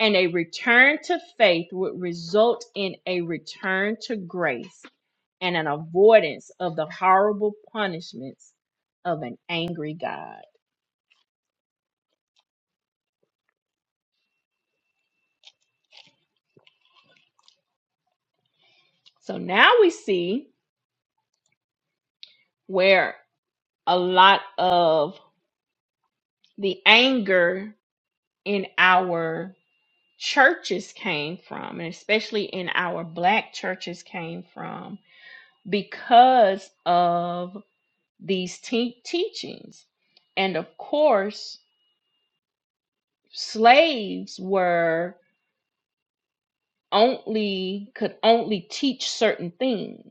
S1: and a return to faith would result in a return to grace and an avoidance of the horrible punishments of an angry God. So now we see where a lot of the anger in our churches came from, and especially in our black churches came from because of these te- teachings. And of course, slaves were only could only teach certain things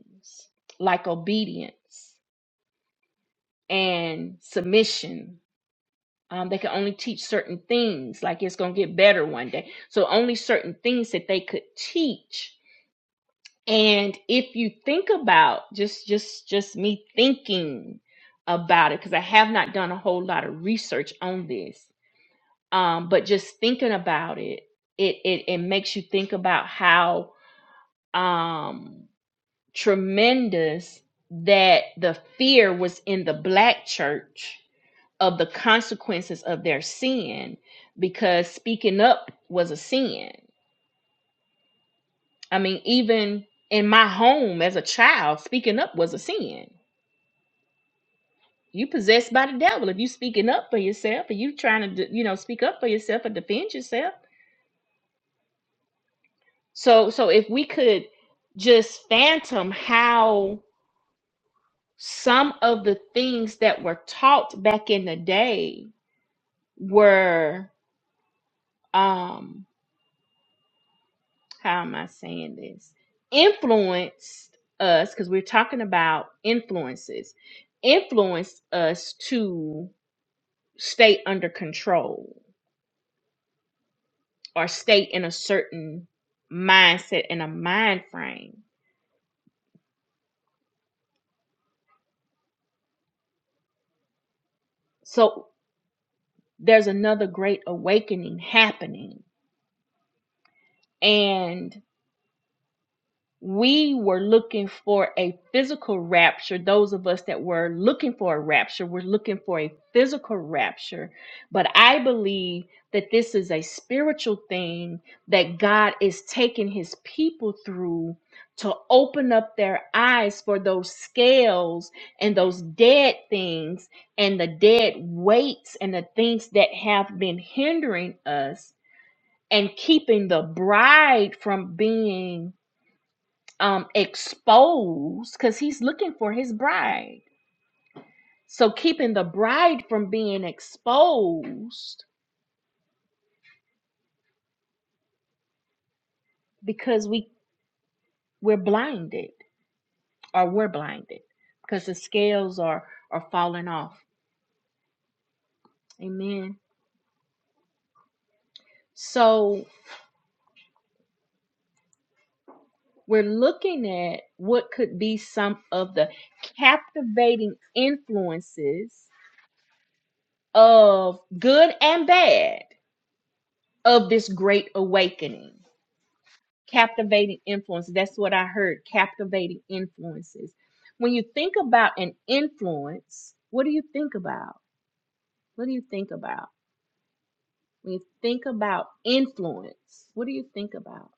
S1: like obedience and submission um, they could only teach certain things like it's going to get better one day so only certain things that they could teach and if you think about just just just me thinking about it because i have not done a whole lot of research on this um, but just thinking about it it, it it makes you think about how um tremendous that the fear was in the black church of the consequences of their sin because speaking up was a sin. I mean, even in my home as a child, speaking up was a sin. You possessed by the devil if you speaking up for yourself, and you trying to you know speak up for yourself or defend yourself. So so if we could just phantom how some of the things that were taught back in the day were um how am I saying this? Influenced us because we're talking about influences. Influenced us to stay under control or stay in a certain mindset and a mind frame. So there's another great awakening happening. and. we were looking for a physical rapture. Those of us that were looking for a rapture were looking for a physical rapture. But I believe that this is a spiritual thing that God is taking his people through to open up their eyes for those scales and those dead things and the dead weights and the things that have been hindering us and keeping the bride from being um, exposed because he's looking for his bride. So keeping the bride from being exposed because we we're blinded or we're blinded because the scales are are falling off. Amen. So we're looking at what could be some of the captivating influences of good and bad of this great awakening captivating influences. That's what I heard captivating influences. When you think about an influence, what do you think about? What do you think about? When you think about influence, what do you think about?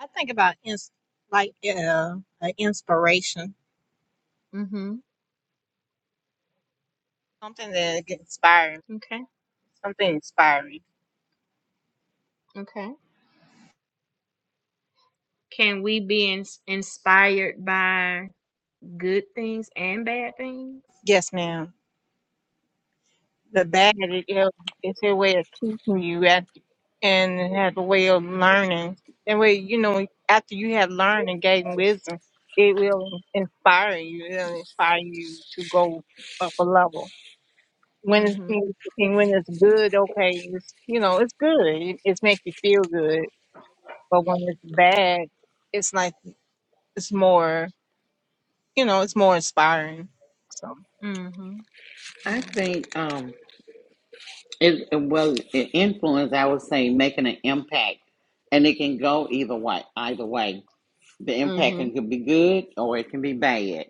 S9: I think about ins- like uh, uh, inspiration,
S1: Mm-hmm.
S9: something that get inspiring,
S1: Okay.
S9: something inspiring.
S1: Okay. Can we be ins- inspired by good things and bad things?
S9: Yes, ma'am. The bad it, is it's a way of teaching you at, and it has a way of learning. That way, you know, after you have learned and gained wisdom, it will inspire you. It'll inspire you to go up a level. When it's
S1: Mhm.
S9: and when it's good, okay, it's you know it's good. It, it's make you feel good. But when it's bad, it's like it's more, you know, it's more inspiring. So
S1: Mm,
S10: I think um, it, it well, it influence. I would say making an impact, and it can go either way. Either way, the impact
S1: Mhm.
S10: can could be good or it can be bad.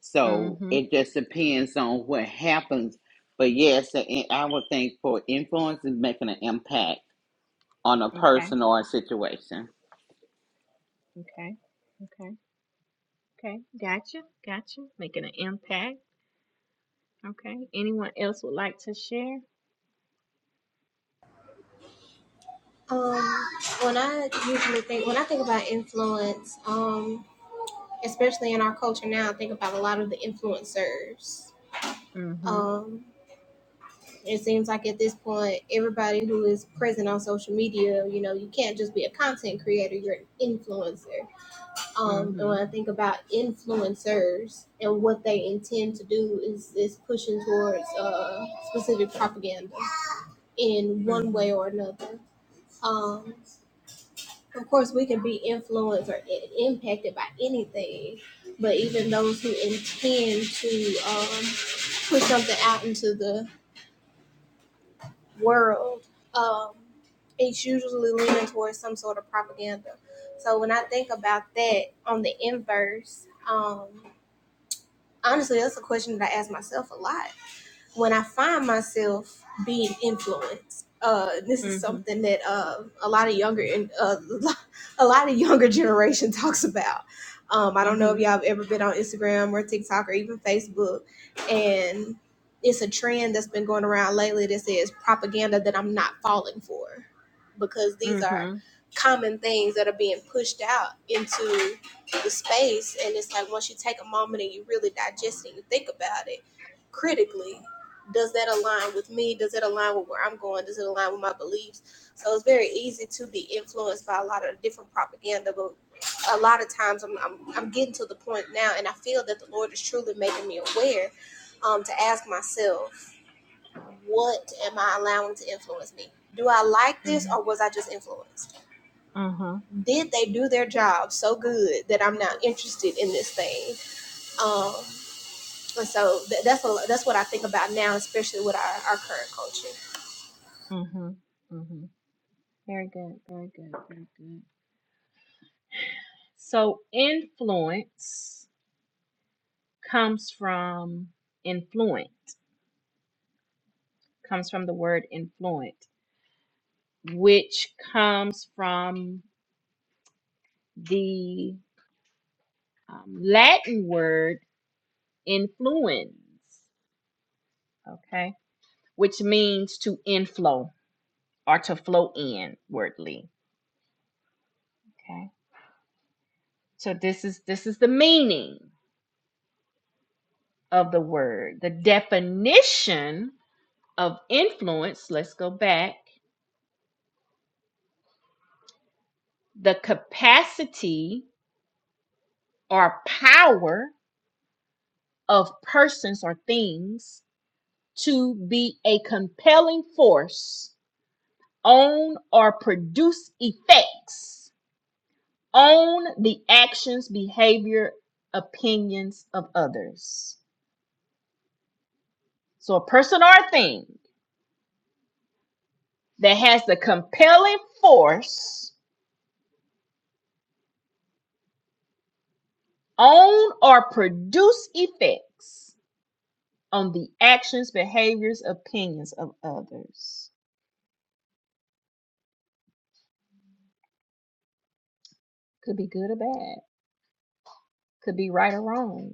S10: So
S1: Mhm.
S10: it just depends on what happens. But yes, the in- I would think for influence is making an impact on a
S1: Okay.
S10: person or a situation.
S1: Okay. Okay. Okay. Gotcha. Gotcha. Making an impact. Okay. Anyone else would like to share?
S5: Um, when I usually think, when I think about influence, um, especially in our culture now, I think about a lot of the influencers.
S1: Mhm.
S5: Um, it seems like at this point everybody who is present on social media you know you can't just be a content creator you're an influencer um and when i
S1: Mhm.
S5: think about influencers and what they intend to do is is pushing towards uh specific propaganda in one way or another um of course we can be influenced or i- impacted by anything but even those who intend to um, put something out into the world um, is usually leaning towards some sort of propaganda. So when I think about that on the inverse, um, honestly, that's a question that I ask myself a lot when I find myself being influenced, uh, this is
S1: Mhm.
S5: something that uh, a lot of younger and uh, *laughs* a lot of younger generation *laughs* talks about. Um, I don't know if
S1: Mhm.
S5: y'all have ever been on Instagram or TikTok or even Facebook, and it's a trend that's been going around lately that says propaganda that I'm not falling for, because these are
S1: Mhm.
S5: common things that are being pushed out into the space, and it's like once you take a moment and you really digest it and you think about it critically does that align with me? Does it align with where I'm going? Does it align with my beliefs? So it's very easy to be influenced by a lot of different propaganda, but a lot of times I'm, I'm, I'm getting to the point now, and I feel that the Lord is truly making me aware um, to ask myself, what am I allowing to influence me? Do I like this
S1: Mhm.
S5: or was I just influenced?
S1: Uh-huh.
S5: Did they do their job so good that I'm not interested in this thing? Um, and so th- that's, what, that's what I think about now, especially with our, our current culture.
S1: Mhm. Mhm. Very good. Very good. Very good. So influence comes from influent, comes from the word influent, which comes from the um, Latin word influens, okay, which means to inflow or to flow inwardly. Okay, so this is this is the meaning of the word. The definition of influence. Let's go back. The capacity or power of persons or things to be a compelling force on or produce effects own the actions, behavior, opinions of others. So a person or a thing that has the compelling force own or produce effects on the actions, behaviors, opinions of others. Could be good or bad, could be right or wrong.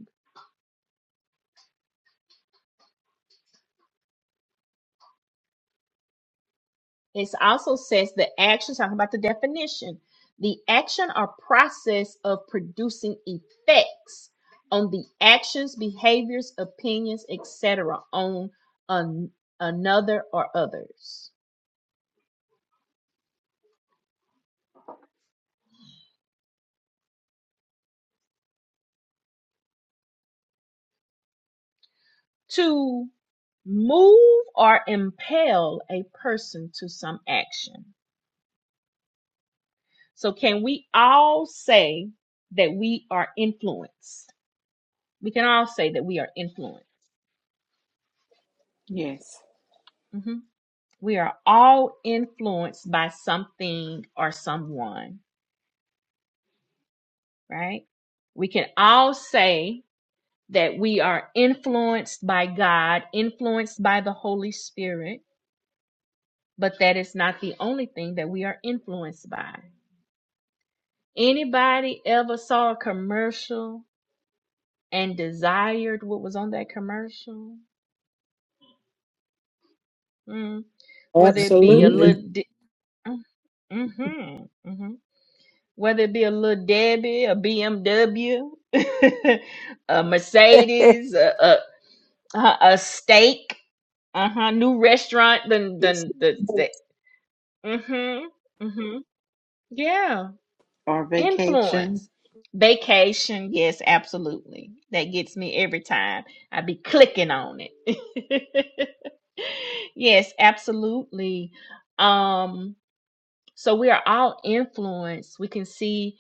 S1: It also says the action, talking about the definition, the action or process of producing effects on the actions, behaviors, opinions, etc., on an, another or others. To move or impel a person to some action. So, can we all say that we are influenced? We can all say that we are influenced.
S10: Yes,
S1: Mhm. We are all influenced by something or someone, right? We can all say that we are influenced by God, influenced by the Holy Spirit, but that is not the only thing that we are influenced by. Anybody ever saw a commercial and desired what was on that commercial? Mm. Whether it be a
S6: Absolutely.
S7: Absolutely.
S1: little, di- mm-hmm, mm-hmm. whether it be a little Debbie, a BMW, *laughs* a
S2: *laughs*
S1: Mercedes, a a, a a steak, uh huh, new restaurant, then
S3: Yes,
S1: then the
S3: Lord.
S1: the mhm mhm yeah
S10: or
S1: influence
S10: vacation.
S1: vacation yes absolutely that gets me every time I be clicking on it *laughs* yes absolutely um so we are all influenced. We can see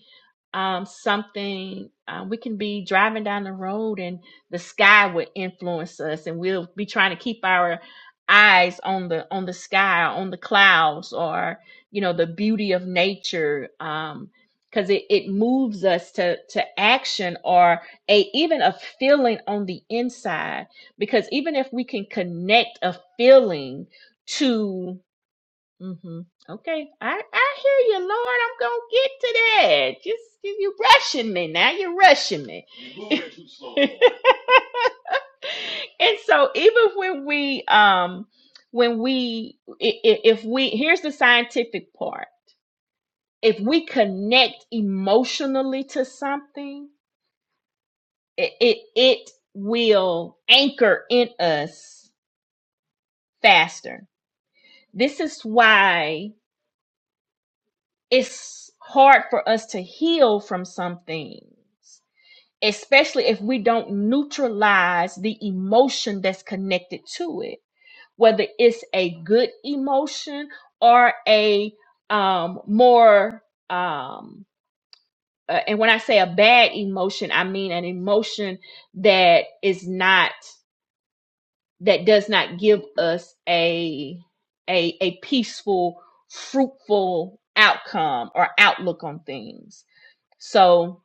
S1: um, something, uh, we can be driving down the road and the sky would influence us, and we'll be trying to keep our eyes on the on the sky, on the clouds, or you know the beauty of nature, um, because it it moves us to to action or a even a feeling on the inside. Because even if we can connect a feeling to Mm-hmm. Okay. I, I hear you, Lord. I'm gonna get to that. Just you you rushing me now. You're rushing me. You're moving too slow. Lord. *laughs* and so even when we um when we i- i- if we here's the scientific part. If we connect emotionally to something, it it, it will anchor in us faster. This is why it's hard for us to heal from some things, especially if we don't neutralize the emotion that's connected to it, whether it's a good emotion or a um, more, um, uh, and when I say a bad emotion, I mean an emotion that is not that does not give us a a a peaceful, fruitful outcome or outlook on things so,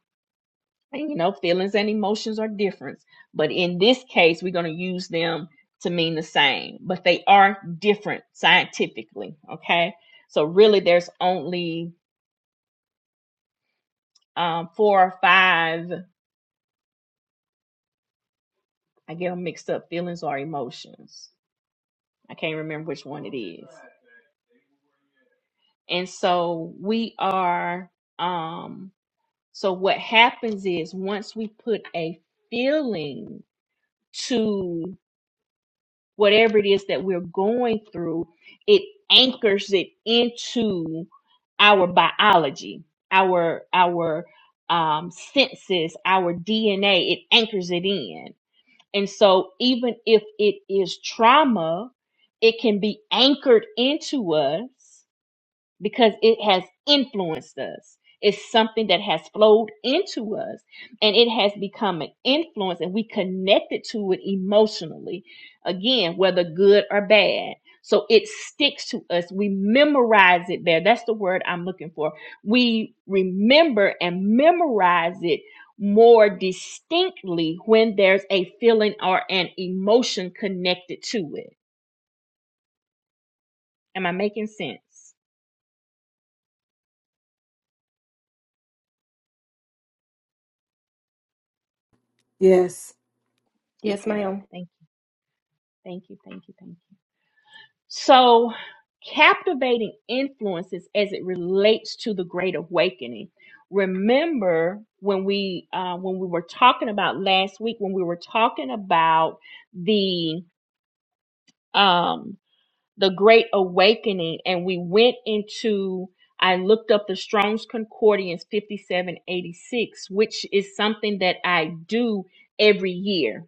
S1: you know, feelings and emotions are different, but in this case, we're going to use them to mean the same, but they are different scientifically. Okay. So, really, there's only um, four or five, I get them mixed up, feelings or emotions. I can't remember which one it is. And so, we are, um, so what happens is once we put a feeling to whatever it is that we're going through, it anchors it into our biology, our our um, senses, our DNA. It anchors it in, and so even if it is trauma, it can be anchored into us because it has influenced us. It's something that has flowed into us and it has become an influence, and we connected to it emotionally, again, whether good or bad. So it sticks to us. We memorize it there. That's the word I'm looking for. We remember and memorize it more distinctly when there's a feeling or an emotion connected to it. Am I making sense?
S7: Yes.
S4: Yes,
S1: Okay.
S4: ma'am.
S1: Thank you. Thank you. Thank you. Thank you. So, captivating influences as it relates to the Great Awakening. Remember when we uh, when we were talking about last week when we were talking about the um, the Great Awakening, and we went into I looked up the Strong's Concordance 5786, which is something that I do every year.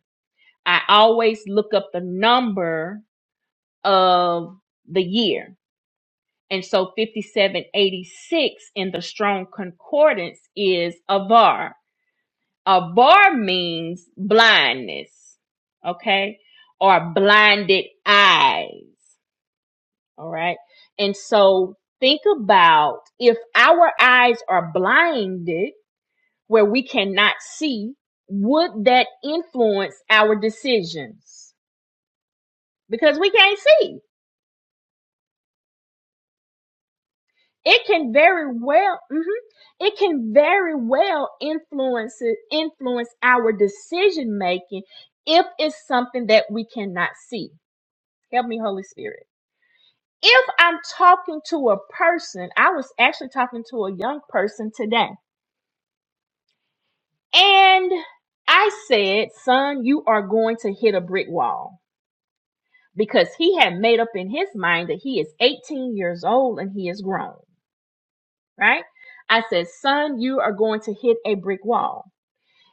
S1: I always look up the number of the year And so 5786 in the strong concordance is avar. Avar means blindness, okay? Or blinded eyes, all right? And so think about if our eyes are blinded where we cannot see, would that influence our decisions? Because we can't see. it can very well mhm, it can very well influence influence our decision making if it's something that we cannot see help me holy spirit if i'm talking to a person i was actually talking to a young person today and i said son you are going to hit a brick wall because he had made up in his mind that he is 18 years old and he is grown right i said son you are going to hit a brick wall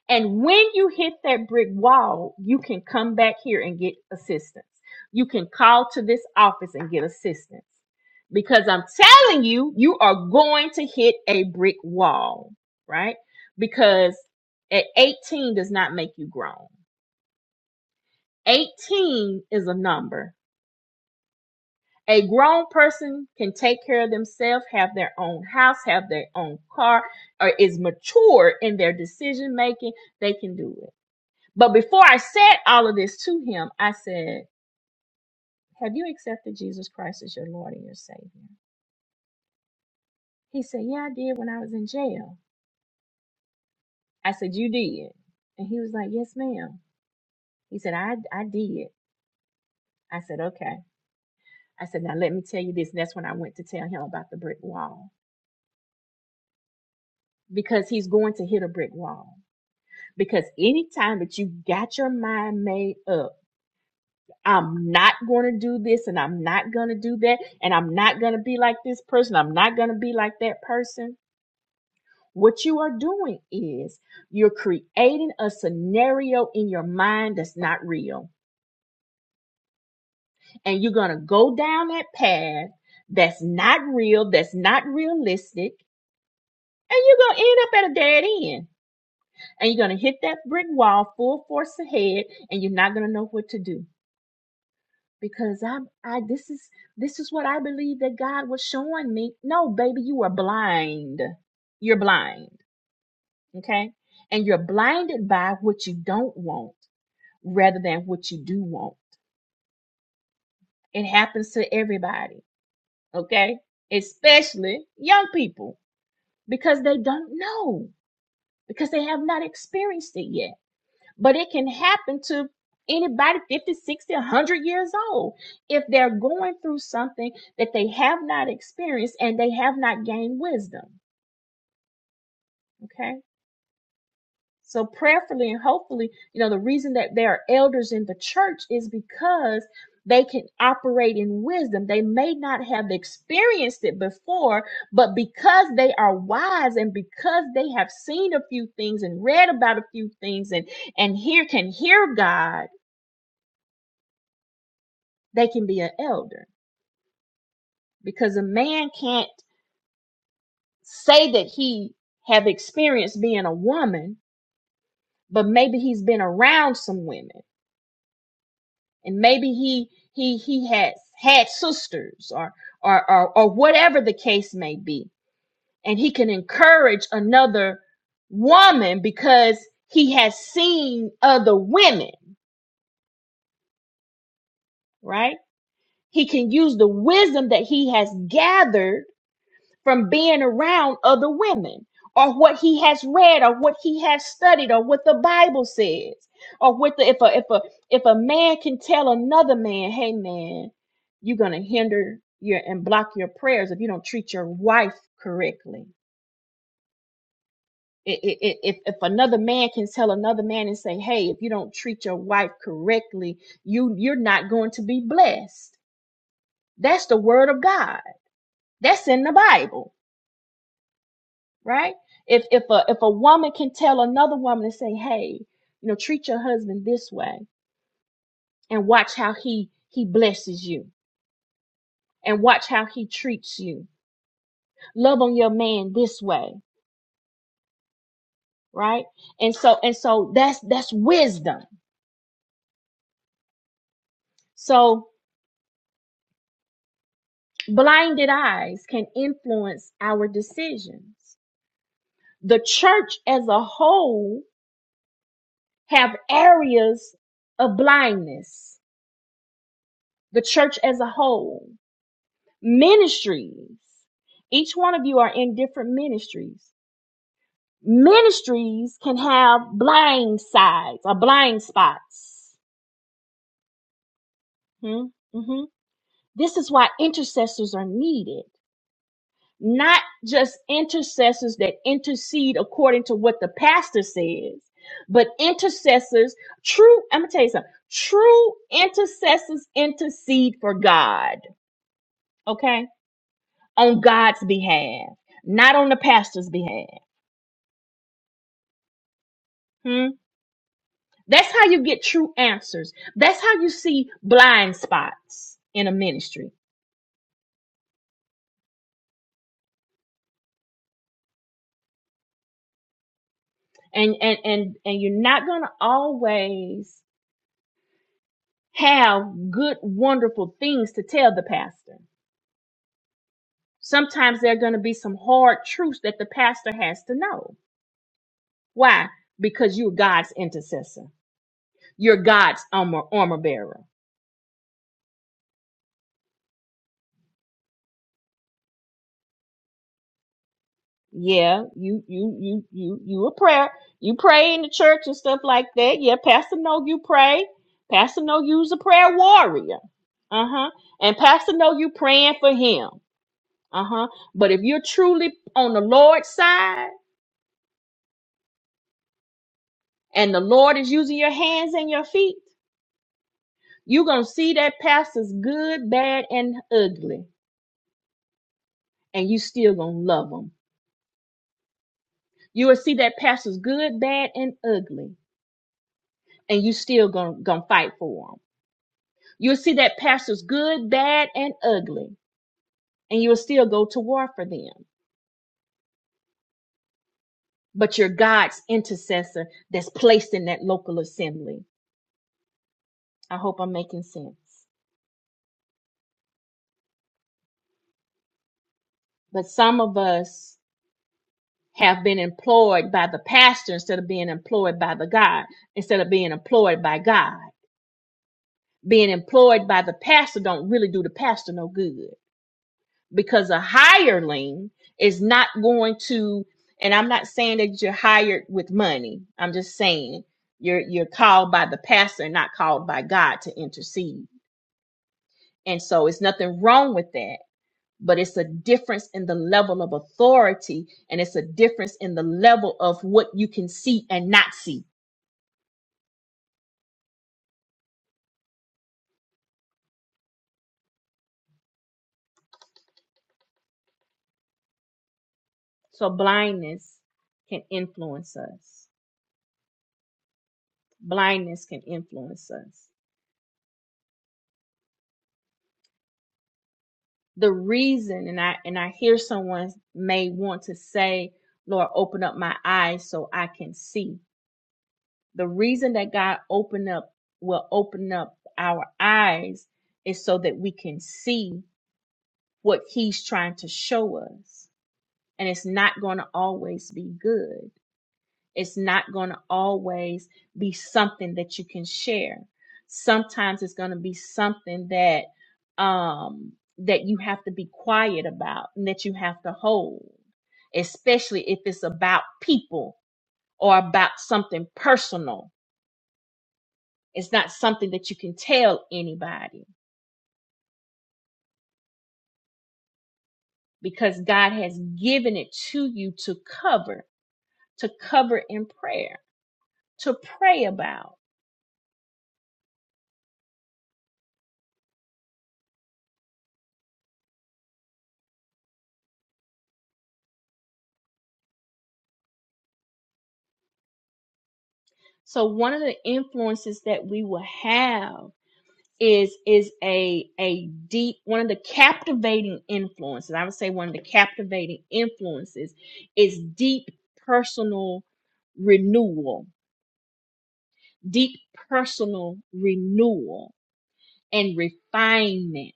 S1: And when you hit that brick wall, you can come back here and get assistance. You can call to this office and get assistance. Because I'm telling you, you are going to hit a brick wall, right? Because at 18 does not make you grown. 18 is a number. A grown person can take care of themselves, have their own house, have their own car, or is mature in their decision making. They can do it. But before I said all of this to him, I said, Have you accepted Jesus Christ as your Lord and your Savior? He said, Yeah, I did when I was in jail. I said, You did. And he was like, Yes, ma'am. He said, I, I did. I said, Okay. I said, Now let me tell you this. And that's when I went to tell him about the brick wall because he's going to hit a brick wall. Because anytime that you got your mind made up, I'm not going to do this and I'm not going to do that and I'm not going to be like this person, I'm not going to be like that person What you are doing is you're creating a scenario in your mind that's not real. And you're going to go down that path that's not real, that's not realistic. And you're going to end up at a dead end. And you're going to hit that brick wall full force ahead and you're not going to know what to do. Because I, I, this is, this is what I believe that God was showing me. No, baby, you are blind. You're blind. Okay. And you're blinded by what you don't want rather than what you do want. It happens to everybody, okay? Especially young people because they don't know, because they have not experienced it yet. But it can happen to anybody 50, 60, 100 years old if they're going through something that they have not experienced and they have not gained wisdom, okay? So prayerfully and hopefully, you know, the reason that there are elders in the church is because they can operate in wisdom. They may not have experienced it before, but because they are wise and because they have seen a few things and read about a few things and and hear can hear God, they can be an elder. Because a man can't say that he have experienced being a woman, but maybe he's been around some women and maybe he he he has had sisters or or or, or whatever the case may be and he can encourage another woman because he has seen other women right he can use the wisdom that he has gathered from being around other women or what he has read or what he has studied or what the bible says or what the if a if a if a man can tell another man hey man you're gonna hinder your and block your prayers if you don't treat your wife correctly I- I- I- if, if another man can tell another man and say hey if you don't treat your wife correctly you you're not going to be blessed that's the word of god that's in the bible right? If if a if a woman can tell another woman and say, "Hey, you know, treat your husband this way and watch how he he blesses you and watch how he treats you. Love on your man this way," right? And so and so that's that's wisdom. So blinded eyes can influence our decisions. The church as a whole have areas of blindness. The church as a whole, ministries Each one of you are in different ministries. Ministries can have blind sides or blind spots. Hmm? hmm This is why intercessors are needed. Not just intercessors that intercede according to what the pastor says, but intercessors, true, I'm going to tell you something, true intercessors intercede for God, okay? On God's behalf, not on the pastor's behalf. Hmm? That's how you get true answers. That's how you see blind spots in a ministry. And and and and you're not going to always have good wonderful things to tell the pastor. Sometimes there're going to be some hard truths that the pastor has to know. Why? Because you're God's intercessor. You're God's armor, armor bearer. Yeah, you you you you you a prayer. You pray in the church and stuff like that. Yeah, Pastor know you pray. Pastor know you's a prayer warrior. Uh huh. And Pastor know you praying for him. Uh huh. But if you're truly on the Lord's side and the Lord is using your hands and your feet, you're gonna see that pastor's good, bad, and ugly, and you still gonna love him. You will see that pastor's good, bad, and ugly, and you still gonna gonna fight for him You'll see that pastor's good, bad, and ugly, and you'll still go to war for them. But you're God's intercessor that's placed in that local assembly. I hope I'm making sense. But some of us have been employed by the pastor instead of being employed by the God, instead of being employed by God. Being employed by the pastor don't really do the pastor no good. because a hireling is not going to and i'm not saying that you're hired with money i'm just saying you're you're called by the pastor not called by god to intercede and so it's nothing wrong with that but it's a difference in the level of authority and it's a difference in the level of what you can see and not see so blindness can influence us blindness can influence us the reason and i and i hear someone may want to say lord open up my eyes so i can see the reason that god open up will open up our eyes is so that we can see what he's trying to show us and it's not going to always be good it's not going to always be something that you can share. Sometimes it's going to be something that um that you have to be quiet about and that you have to hold, especially if it's about people or about something personal. It's not something that you can tell anybody because God has given it to you to cover, to cover in prayer, to pray about. So one of the influences that we will have is is a a deep one of the captivating influences i would say one of the captivating influences is deep personal renewal deep personal renewal and refinement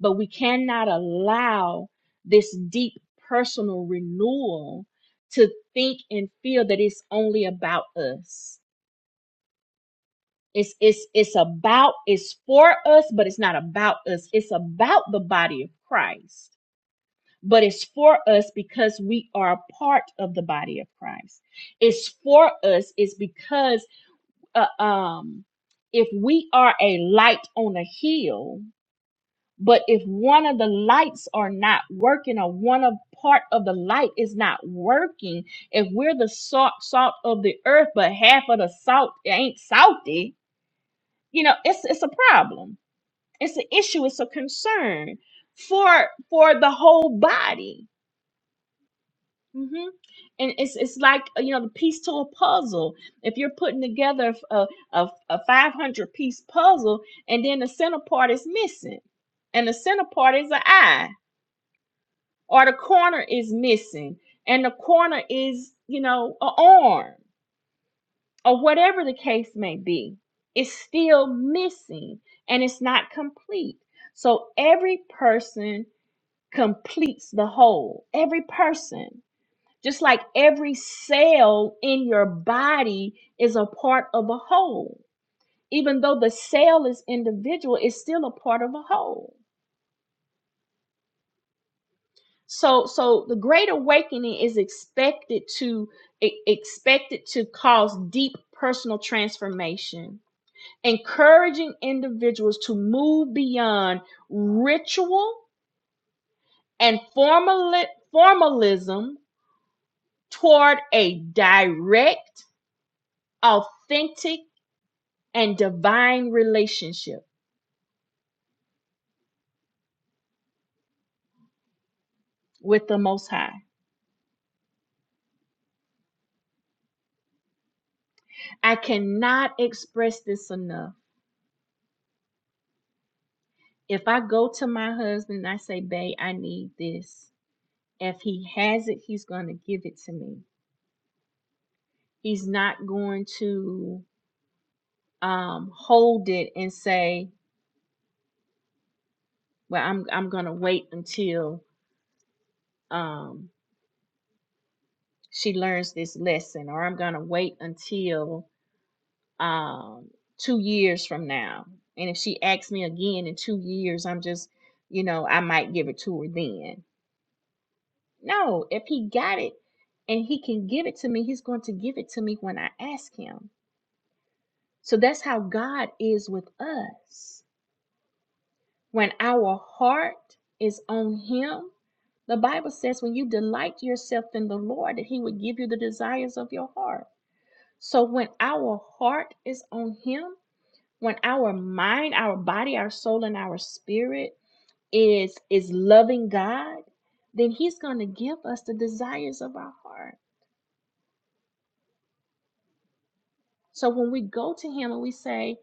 S1: but we cannot allow this deep personal renewal to think and feel that it's only about us It's it's it's about it's for us, but it's not about us. It's about the body of Christ. But it's for us because we are a part of the body of Christ. It's for us is because uh, um if we are a light on a hill, but if one of the lights are not working or one of part of the light is not working, if we're the salt salt of the earth, but half of the salt ain't salty, you know, it's it's a problem it's an issue. It's a concern for for the whole body. hmm And it's it's like uh, you know the piece to a puzzle. If you're putting together a a, a 500 piece puzzle and then the center part is missing, and the center part is an eye, or the corner is missing, and the corner is you know an arm, or whatever the case may be, it's still missing and it's not complete. So every person completes the whole. Every person, just like every cell in your body is a part of a whole. Even though the cell is individual, it's still a part of a whole. So so the great awakening is expected to e- expected to cause deep personal transformation, encouraging individuals to move beyond ritual and formal, formalism toward a direct, authentic, and divine relationship with the Most High. I cannot express this enough. If I go to my husband and I say, Babe, I need this, if he has it, he's going to give it to me. He's not going to um, hold it and say, Well, I'm, I'm going to wait until um, she learns this lesson, or I'm going to wait until um, two years from now. And if she asks me again in two years, I'm just, you know, I might give it to her then. No, if he got it and he can give it to me, he's going to give it to me when I ask him. So that's how God is with us. When our heart is on him, the Bible says when you delight yourself in the Lord, that he would give you the desires of your heart. So when our heart is on him, when our mind our body our soul and our spirit is is loving god then he's going to give us the desires of our heart so when we go to him and we say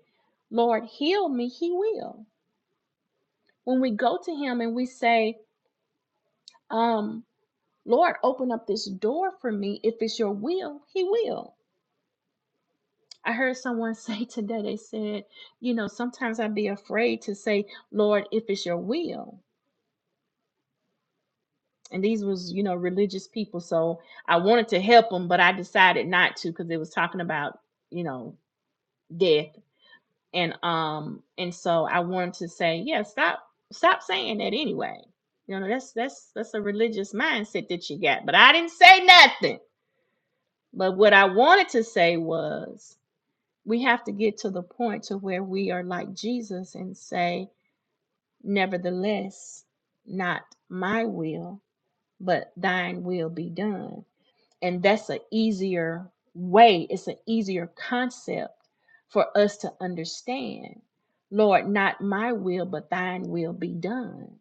S1: lord heal me he will when we go to him and we say um lord open up this door for me if it's your will he will i heard someone *laughs* say today they said you know sometimes i'd be afraid to say lord if it's your will and these was you know religious people so i wanted to help them but i decided not to because it was talking about you know death and um and so i wanted to say yeah stop stop saying that anyway you know that's that's that's a religious mindset that you got but i didn't say nothing but what i wanted to say was we have to get to the point to where we are like jesus and say nevertheless not my will but thine will be done And that's an easier way, it's an easier concept for us to understand. Lord, not my will, but thine will be done.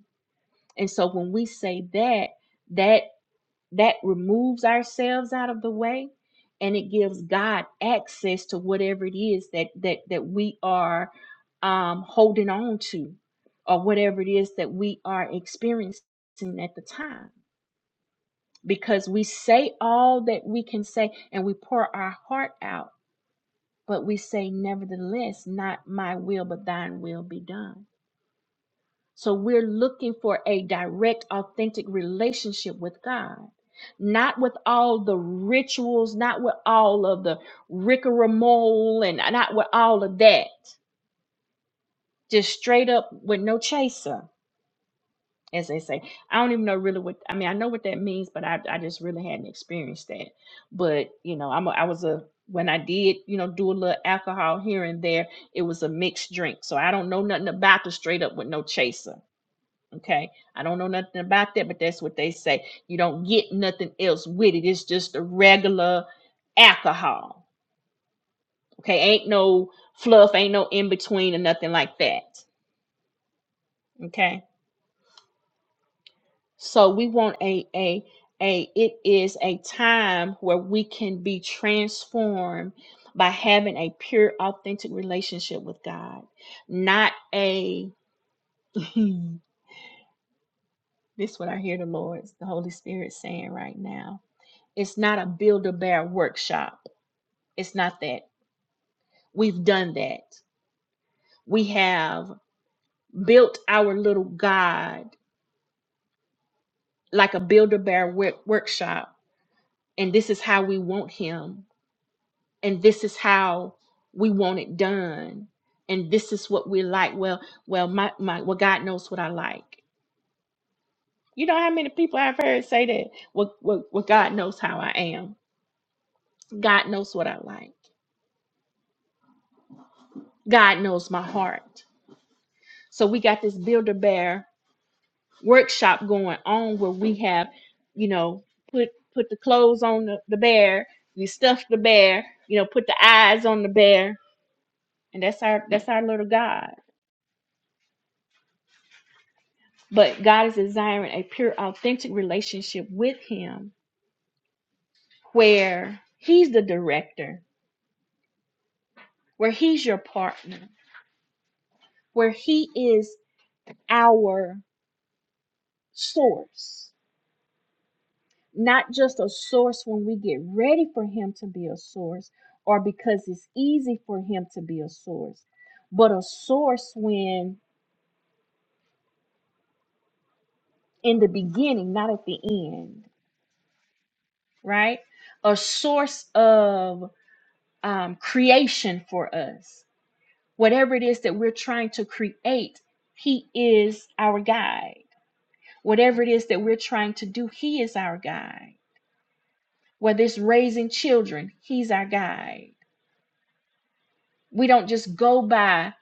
S1: And so when we say that, that that removes ourselves out of the way and it gives God access to whatever it is that that that we are um holding on to or whatever it is that we are experiencing at the time because we say all that we can say and we pour our heart out, but we say, nevertheless, not my will, but thine will be done. So we're looking for a direct, authentic relationship with God, not with all the rituals, not with all of the rigmarole, and not with all of that, just straight up with no chaser as they say. I don't even know really what I mean. I know what that means, but I I just really hadn't experienced that. But you know, I'm a, I was a when I did you know do a little alcohol here and there, it was a mixed drink. So I don't know nothing about the straight up with no chaser. Okay, I don't know nothing about that, but that's what they say. You don't get nothing else with it. It's just a regular alcohol. Okay, ain't no fluff, ain't no in between or nothing like that. Okay So we want a a a it is a time where we can be transformed by having a pure authentic relationship with God. Not a *laughs* this is what I hear the Lord, the Holy Spirit saying right now. It's not a build a bear workshop. It's not that. We've done that. We have built our little God like a build a bear workshop and this is how we want him and this is how we want it done and this is what we like well well my, my well god knows what i like you know how many people i've heard say that well, well, well god knows how i am god knows what i like god knows my heart so we got this builder bear workshop going on where we have you know put put the clothes on the, the bear you stuff the bear you know put the eyes on the bear and that's our that's our little god but God is desiring a pure, authentic relationship with Him where He's the director, where He's your partner, where He is our source, not just a source when we get ready for Him to be a source or because it's easy for Him to be a source, but a source when in the beginning, not at the end, right? A source of um, creation for us Whatever it is that we're trying to create, He is our guide. Whatever it is that we're trying to do, He is our guide. Whether it's raising children, He's our guide. We don't just go by,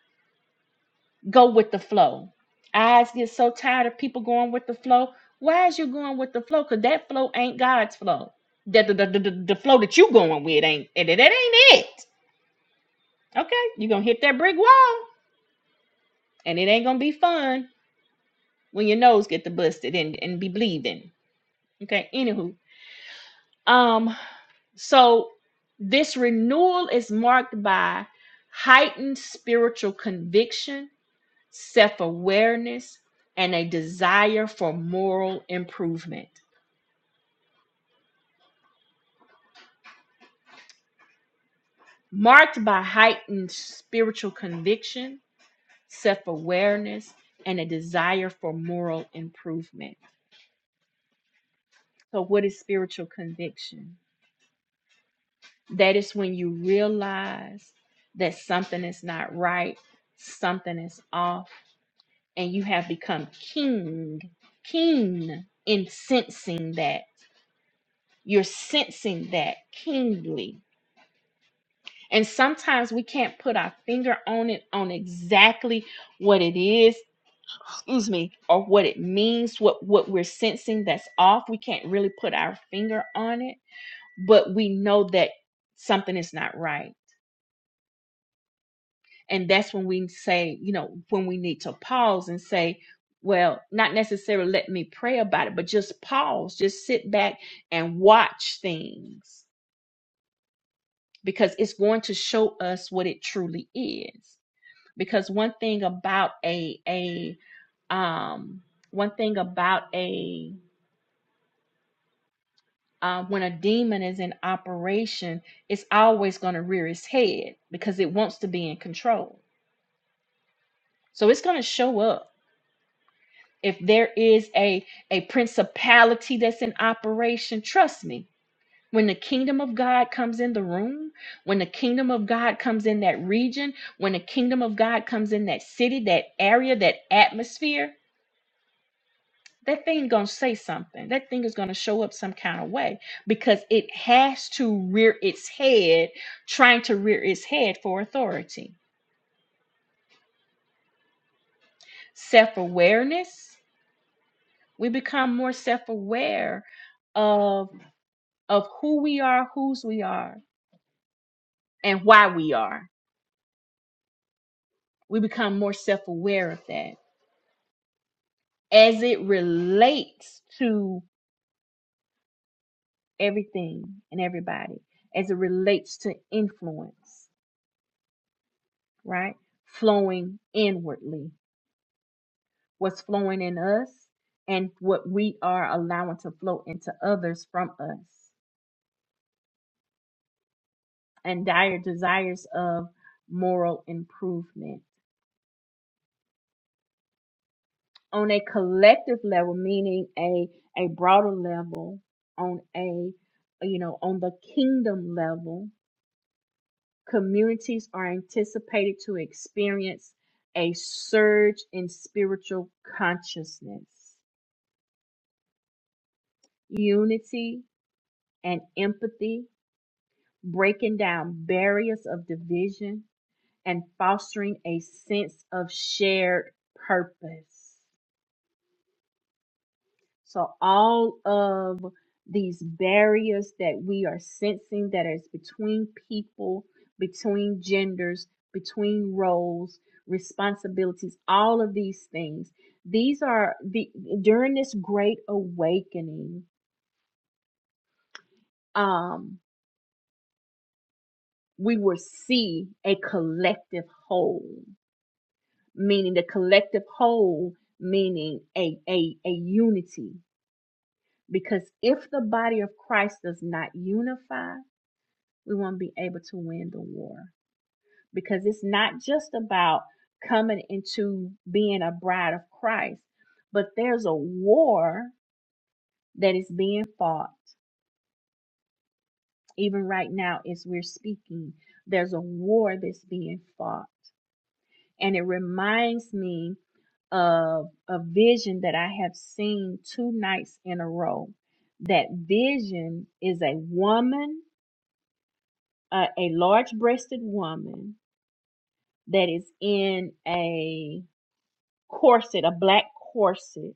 S1: go with the flow. I get so tired of people going with the flow. Why is you going with the flow? Because that flow ain't God's flow. The, the, the, the, the the flow that you going with ain't, and that ain't it. Okay, you're going to hit that brick wall, and it ain't going to be fun when your nose get the busted and, and be bleeding Okay, anywho. Um, so this renewal is marked by heightened spiritual conviction, self awareness, and a desire for moral improvement. Marked by heightened spiritual conviction, self awareness, and a desire for moral improvement. So, what is spiritual conviction? That is when you realize that something is not right, something is off and you have become keen, keen in sensing that. You're sensing that keenly. And sometimes we can't put our finger on it on exactly what it is, excuse me, or what it means, what what we're sensing that's off. We can't really put our finger on it, but we know that something is not right And that's when we say, you know, when we need to pause and say, well, not necessarily let me pray about it, but just pause, just sit back and watch things because it's going to show us what it truly is. Because one thing about a a um one thing about a uh, when a demon is in operation, it's always going to rear its head because it wants to be in control. So it's going to show up if there is a a principality that's in operation trust me when the kingdom of god comes in the room when the kingdom of god comes in that region when the kingdom of god comes in that city that area that atmosphere that thing gonna say something that thing is gonna show up some kind of way because it has to rear its head trying to rear its head for authority self-awareness we become more self-aware of who we are, whose we are, and why we are. We become more self aware of that as it relates to everything and everybody, as it relates to influence, right? Flowing inwardly, what's flowing in us and what we are allowing to flow into others from us, and dire desires of moral improvement on a collective level, meaning a a broader level, on a you know on the kingdom level, communities are anticipated to experience a surge in spiritual consciousness, unity, and empathy, breaking down barriers of division and fostering a sense of shared purpose. So all of these barriers that we are sensing that is between people, between genders, between roles, responsibilities, all of these things. These are the during this great awakening, um, we will see a collective whole, meaning the collective whole, meaning a a, a unity. Because if the body of Christ does not unify, we won't be able to win the war because it's not just about coming into being a bride of Christ, but there's a war that is being fought. Even right now, as we're speaking, there's a war that's being fought. And it reminds me of a vision that I have seen two nights in a row. That vision is a woman, uh, a large breasted woman that is in a corset, a black corset.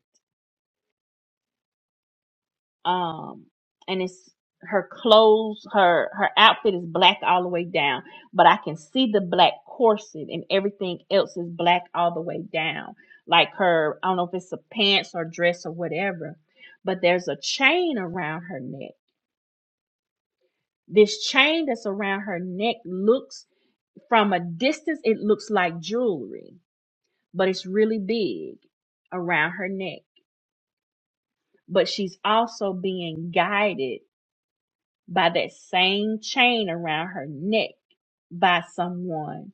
S1: Um, and it's her clothes, her, her outfit is black all the way down, but I can see the black corset and everything else is black all the way down. Like her, I don't know if it's a pants or dress or whatever, but there's a chain around her neck. This chain that's around her neck looks from a distance, it looks like jewelry, but it's really big around her neck but she's also being guided by that same chain around her neck by someone.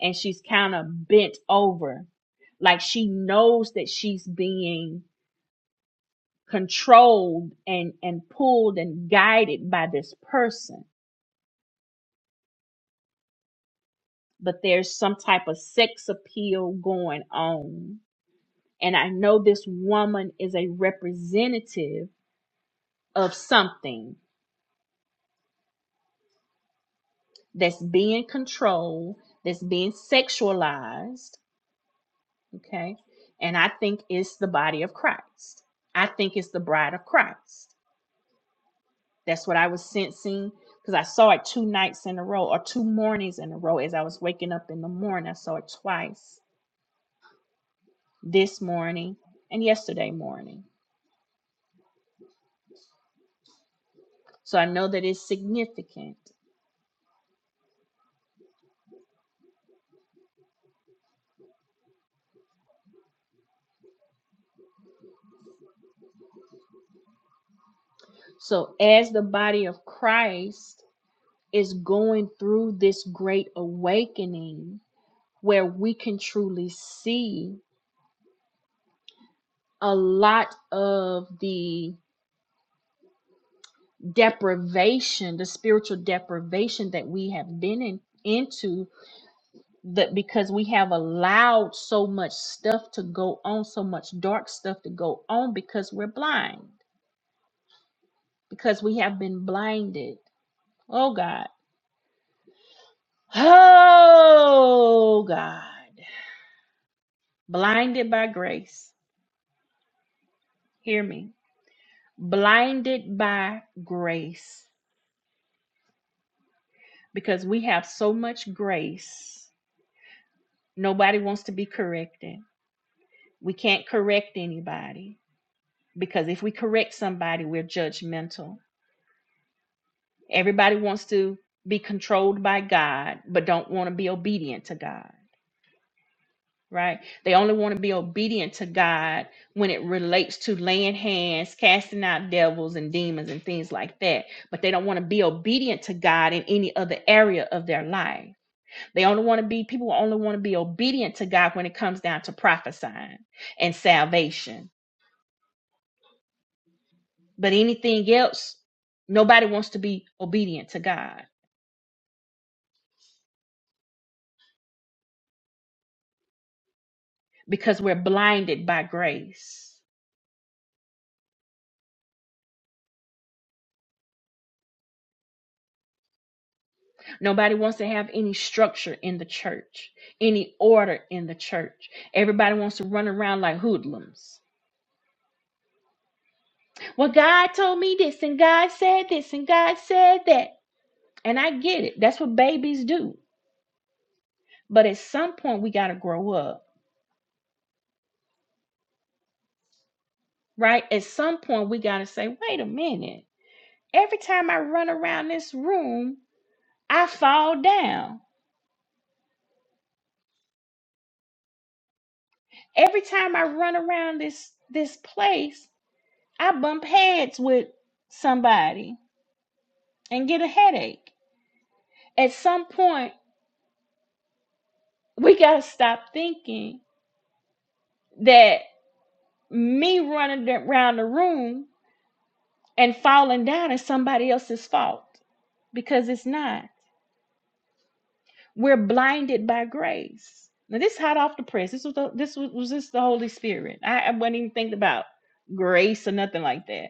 S1: And she's kind of bent over, like she knows that she's being controlled and, and pulled and guided by this person. But there's some type of sex appeal going on. And I know this woman is a representative of something that's being controlled, that's being sexualized Okay. And I think it's the body of Christ. I think it's the bride of Christ. That's what I was sensing because I saw it two nights in a row or two mornings in a row as I was waking up in the morning. I saw it twice this morning and yesterday morning. So I know that it's significant. So as the body of Christ is going through this great awakening where we can truly see a lot of the deprivation, the spiritual deprivation that we have been in, into that because we have allowed so much stuff to go on, so much dark stuff to go on because we're blind, because we have been blinded. Oh God. Oh God. Blinded by grace. Hear me. Blinded by grace because we have so much grace. Nobody wants to be corrected. We can't correct anybody because if we correct somebody, we're judgmental. Everybody wants to be controlled by God, but don't want to be obedient to God, right? They only want to be obedient to God when it relates to laying hands, casting out devils and demons and things like that. But they don't want to be obedient to God in any other area of their life. They only want to be, people only want to be obedient to God when it comes down to prophesying and salvation. But anything else, nobody wants to be obedient to God because we're blinded by grace. Nobody wants to have any structure in the church, any order in the church. Everybody wants to run around like hoodlums. Well, God told me this, and God said this, and God said that. And I get it. That's what babies do. But at some point, we got to grow up, right? At some point, we got to say, wait a minute. Every time I run around this room, I fall down. Every time I run around this this place, I bump heads with somebody and get a headache. At some point, we got to stop thinking that me running around the room and falling down is somebody else's fault because it's not. We're blinded by grace. Now, this is hot off the press. This was the, this was, was this the Holy Spirit. I, I wasn't even thinking about grace or nothing like that.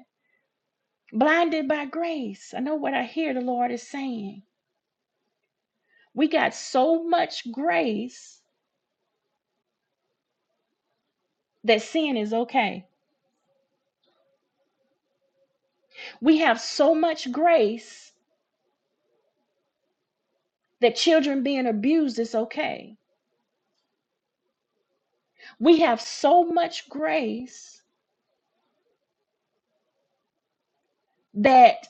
S1: Blinded by grace. I know what I hear the Lord is saying. We got so much grace that sin is okay. We have so much grace that children being abused is okay. We have so much grace that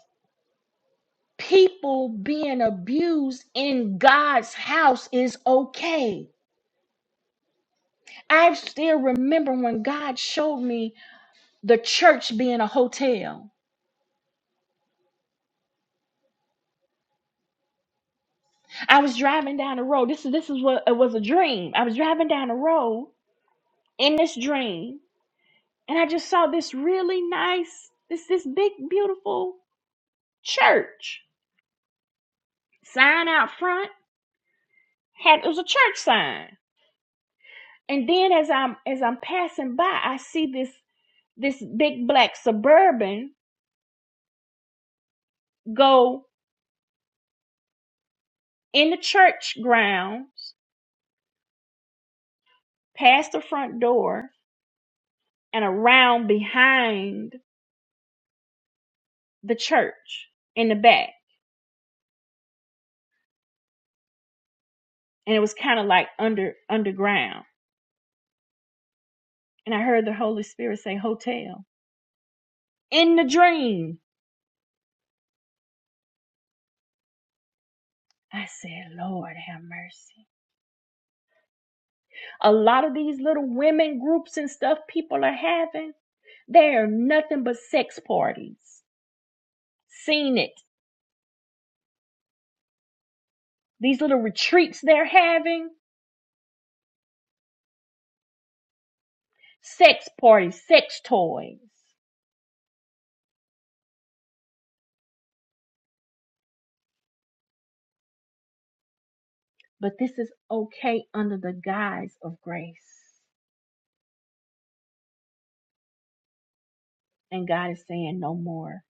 S1: people being abused in God's house is okay. I still remember when God showed me the church being a hotel. I was driving down the road. This is this is what it was a dream. I was driving down the road in this dream, and I just saw this really nice, this this big, beautiful church sign out front had it was a church sign and then as i'm as i'm passing by i see this this big black suburban go in the church grounds past the front door and around behind the church in the back and it was kind of like under underground and i heard the holy spirit say hotel in the dream i said lord have mercy A lot of these little women groups and stuff people are having, they are nothing but sex parties. Seen it. These little retreats they're having, sex parties, sex toys. But this is okay under the guise of grace. And God is saying no more.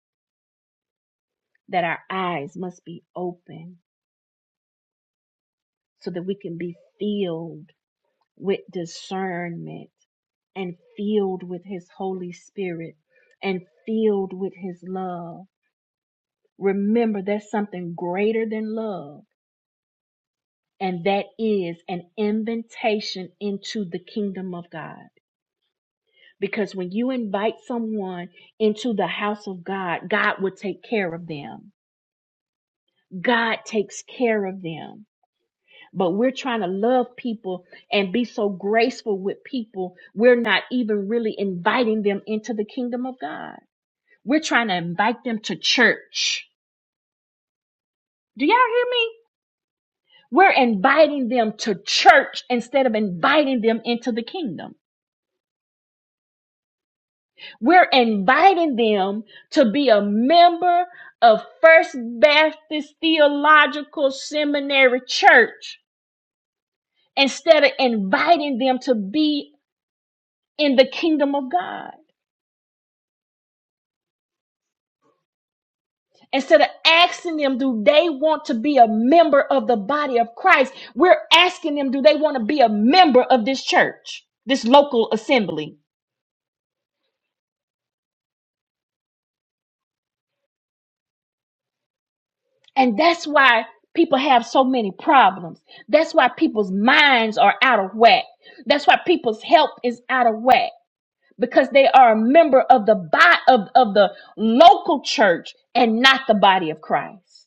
S1: That our eyes must be open so that we can be filled with discernment and filled with His Holy Spirit and filled with His love Remember, there's something greater than love, and that is an invitation into the kingdom of God. Because when you invite someone into the house of God, God will take care of them. God takes care of them. But we're trying to love people and be so graceful with people, we're not even really inviting them into the kingdom of God. We're trying to invite them to church. Do y'all hear me? We're inviting them to church instead of inviting them into the kingdom. We're inviting them to be a member of First Baptist Theological Seminary Church instead of inviting them to be in the kingdom of God. Instead of asking them, do they want to be a member of the body of Christ? We're asking them, do they want to be a member of this church, this local assembly? And that's why people have so many problems. That's why people's minds are out of whack. That's why people's health is out of whack because they are a member of the body of, of the local church and not the body of Christ.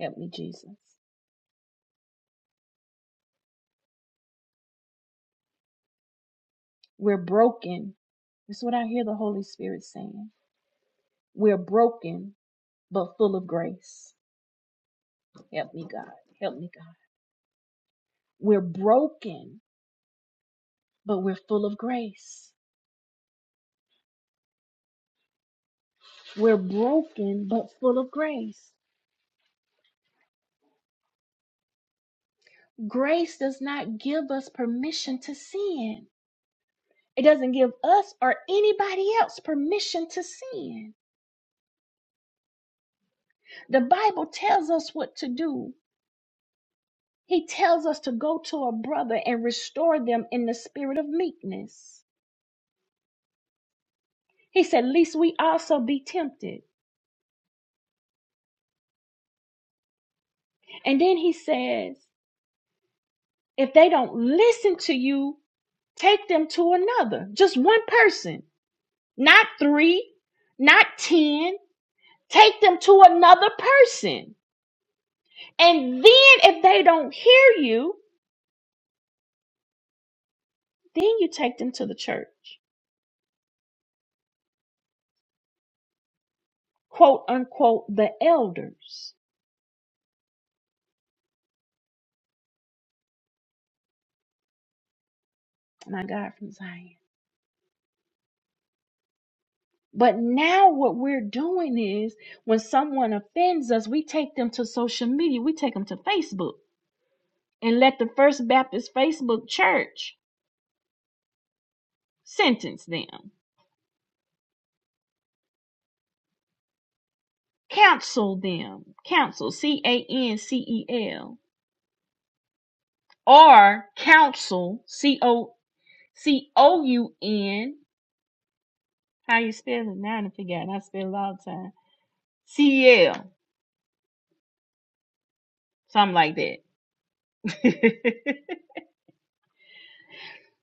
S1: Help me, Jesus. We're broken. That's what I hear the Holy Spirit saying. We're broken, but full of grace. Help me, God. Help me, God. We're broken, but we're full of grace. We're broken, but full of grace. Grace does not give us permission to sin. It doesn't give us or anybody else permission to sin. The Bible tells us what to do. He tells us to go to a brother and restore them in the spirit of meekness. He said, Least we also be tempted. And then he says, If they don't listen to you, take them to another, just one person, not three, not ten. Take them to another person. And then if they don't hear you, then you take them to the church, quote unquote, the elders. My God from Zion. But now what we're doing is when someone offends us, we take them to social media, we take them to Facebook and let the First Baptist Facebook church sentence them, counsel them, counsel, C A N C E L, or counsel, C O C O U N How you spell it? Now I done forgot. I spell it all the time. CL, something like that.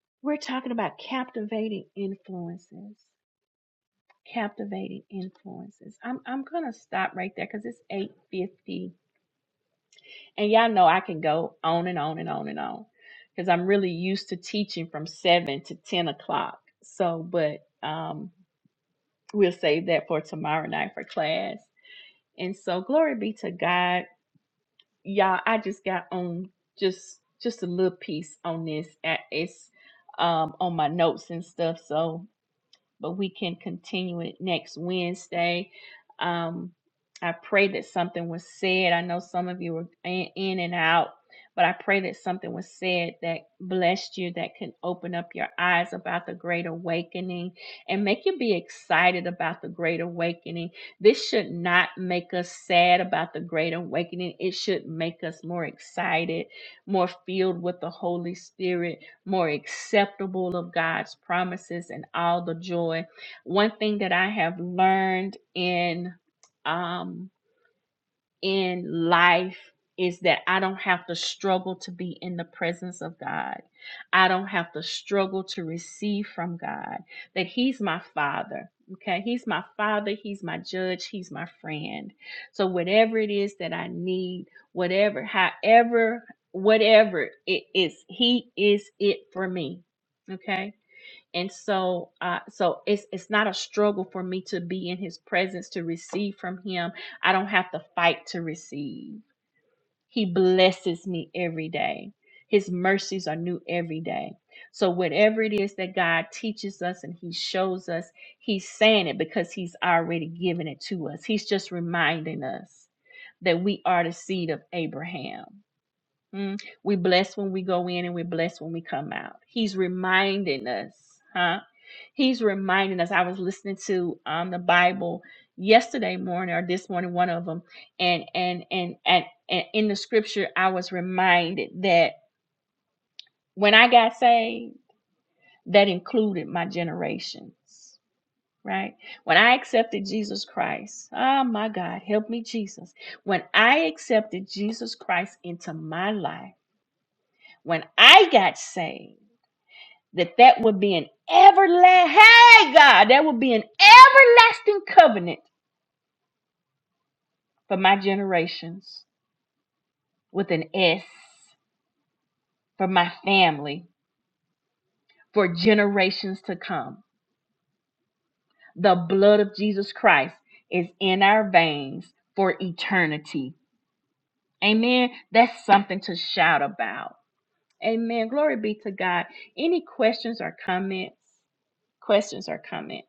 S1: *laughs* We're talking about captivating influences. Captivating influences. I'm I'm gonna stop right there because it's 8:50, and y'all know I can go on and on and on and on because I'm really used to teaching from seven to 10 o'clock. So, but um, we'll save that for tomorrow night for class. And so, glory be to God y'all i just got on just just a little piece on this Uh, it's um on my notes and stuff so but we can continue it next Wednesday. Um, I pray that something was said. I know some of you were in in and out, but I pray that something was said that blessed you, that can open up your eyes about the Great Awakening and make you be excited about the Great Awakening. This should not make us sad about the Great Awakening, it should make us more excited, more filled with the Holy Spirit more acceptable of God's promises and all the joy. One thing that I have learned in um, in life is that I don't have to struggle to be in the presence of God. I don't have to struggle to receive from God that He's my Father. Okay, He's my Father, He's my judge, He's my friend. So, whatever it is that I need, whatever, however, whatever it is, He is it for me. Okay and so uh so it's it's not a struggle for me to be in his presence to receive from him i don't have to fight to receive he blesses me every day his mercies are new every day so whatever it is that god teaches us and he shows us he's saying it because he's already given it to us he's just reminding us that we are the seed of abraham Mm. we bless when we go in and we bless when we come out he's reminding us huh He's reminding us. I was listening to um the Bible yesterday morning or this morning, one of them, and and and and, and in the scripture, I was reminded that when I got saved, that included my generations. Right when I accepted Jesus Christ, oh my God, help me, Jesus. When I accepted Jesus Christ into my life, when I got saved, that that would be an everlasting, hey God, that would be an everlasting covenant for my generations, with an S for my family, for generations to come. The blood of Jesus Christ is in our veins for eternity. Amen. That's something to shout about. Amen. Glory be to God. Any questions or comments? Questions or comments?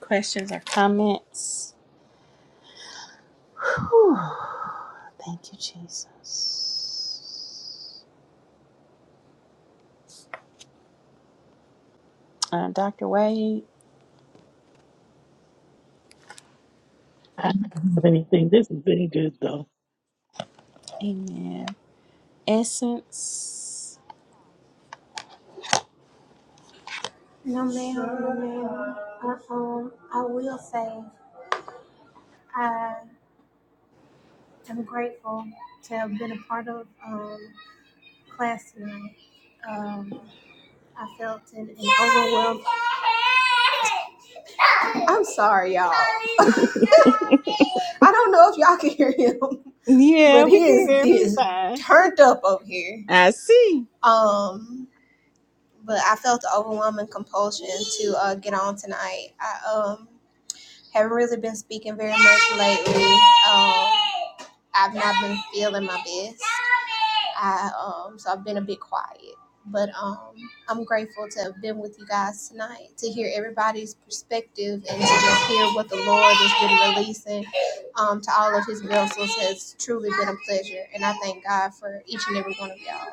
S1: Questions or comments? Whew. Thank you, Jesus. Uh, Dr. Wade,
S3: I don't have anything. This has been good, though.
S1: amen. Essence.
S5: No, ma'am, no, ma'am. I, um, I will say I am grateful to have been a part of um, class tonight. Um, I felt an, an overwhelmed. I'm sorry, y'all. *laughs* I don't know if y'all can hear him, but he is he is turned up over here. Um, but I felt the overwhelming compulsion to uh, get on tonight. I um haven't really been speaking very much lately. Um, I've not been feeling my best. I um so I've been a bit quiet. But um I'm grateful to have been with you guys tonight, to hear everybody's perspective and to just hear what the Lord has been releasing um to all of his vessels has truly been a pleasure and I thank God for each and every one of y'all.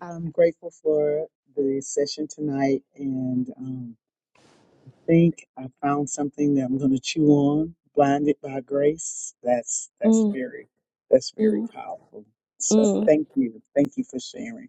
S6: I'm grateful for the session tonight and um, I think I found something that I'm going to chew on. Blinded by grace. That's that's very that's very powerful. So thank you, thank you for sharing.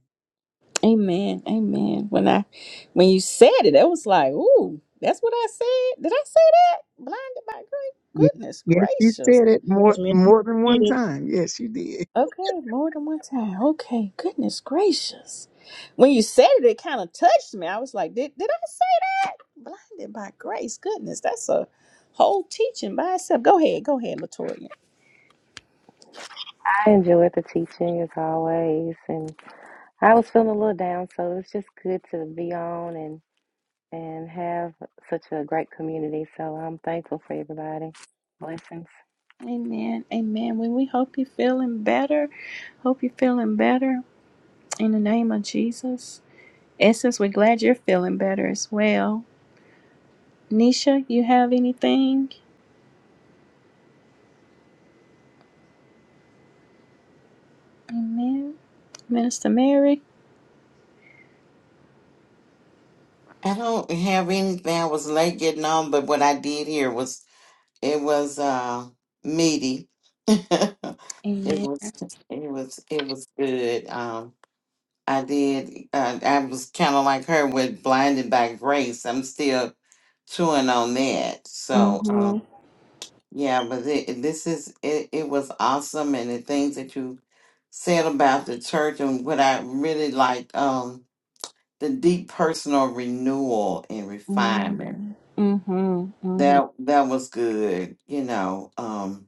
S6: Yes, yes, she said it
S3: That's
S6: more more than
S3: me.
S6: one time. Yes, she did.
S1: Hey, more than one time. Okay, goodness gracious. When you said it, it kind of touched me. I was like, did, did I say that? Blinded by grace. Goodness, that's a whole teaching by itself. Go ahead, go ahead, Latoya.
S4: I enjoyed the teaching as always, and I was feeling a little down, so it's just good to be on and and have such a great community. So I'm thankful for everybody. Blessings.
S1: Amen, amen. Well, we hope you're feeling better. Hope you're feeling better in the name of Jesus. Essence, we're glad you're feeling better as well. Nisha, you have anything? Amen. Minister Mary.
S10: I don't have anything. I was late getting on, but what I did here was it was uh meaty. *laughs* It
S1: Amen.
S10: was it was it was good. Um, I did. Uh, I was kind of like her with blinded by grace. I'm still chewing on that. So
S1: Mm-hmm.
S10: um, yeah, but it, this is it. It was awesome, and the things that you said about the church and what I really liked um the deep personal renewal and refinement.
S1: Mm-hmm. Mm-hmm.
S10: That that was good. You know. Um,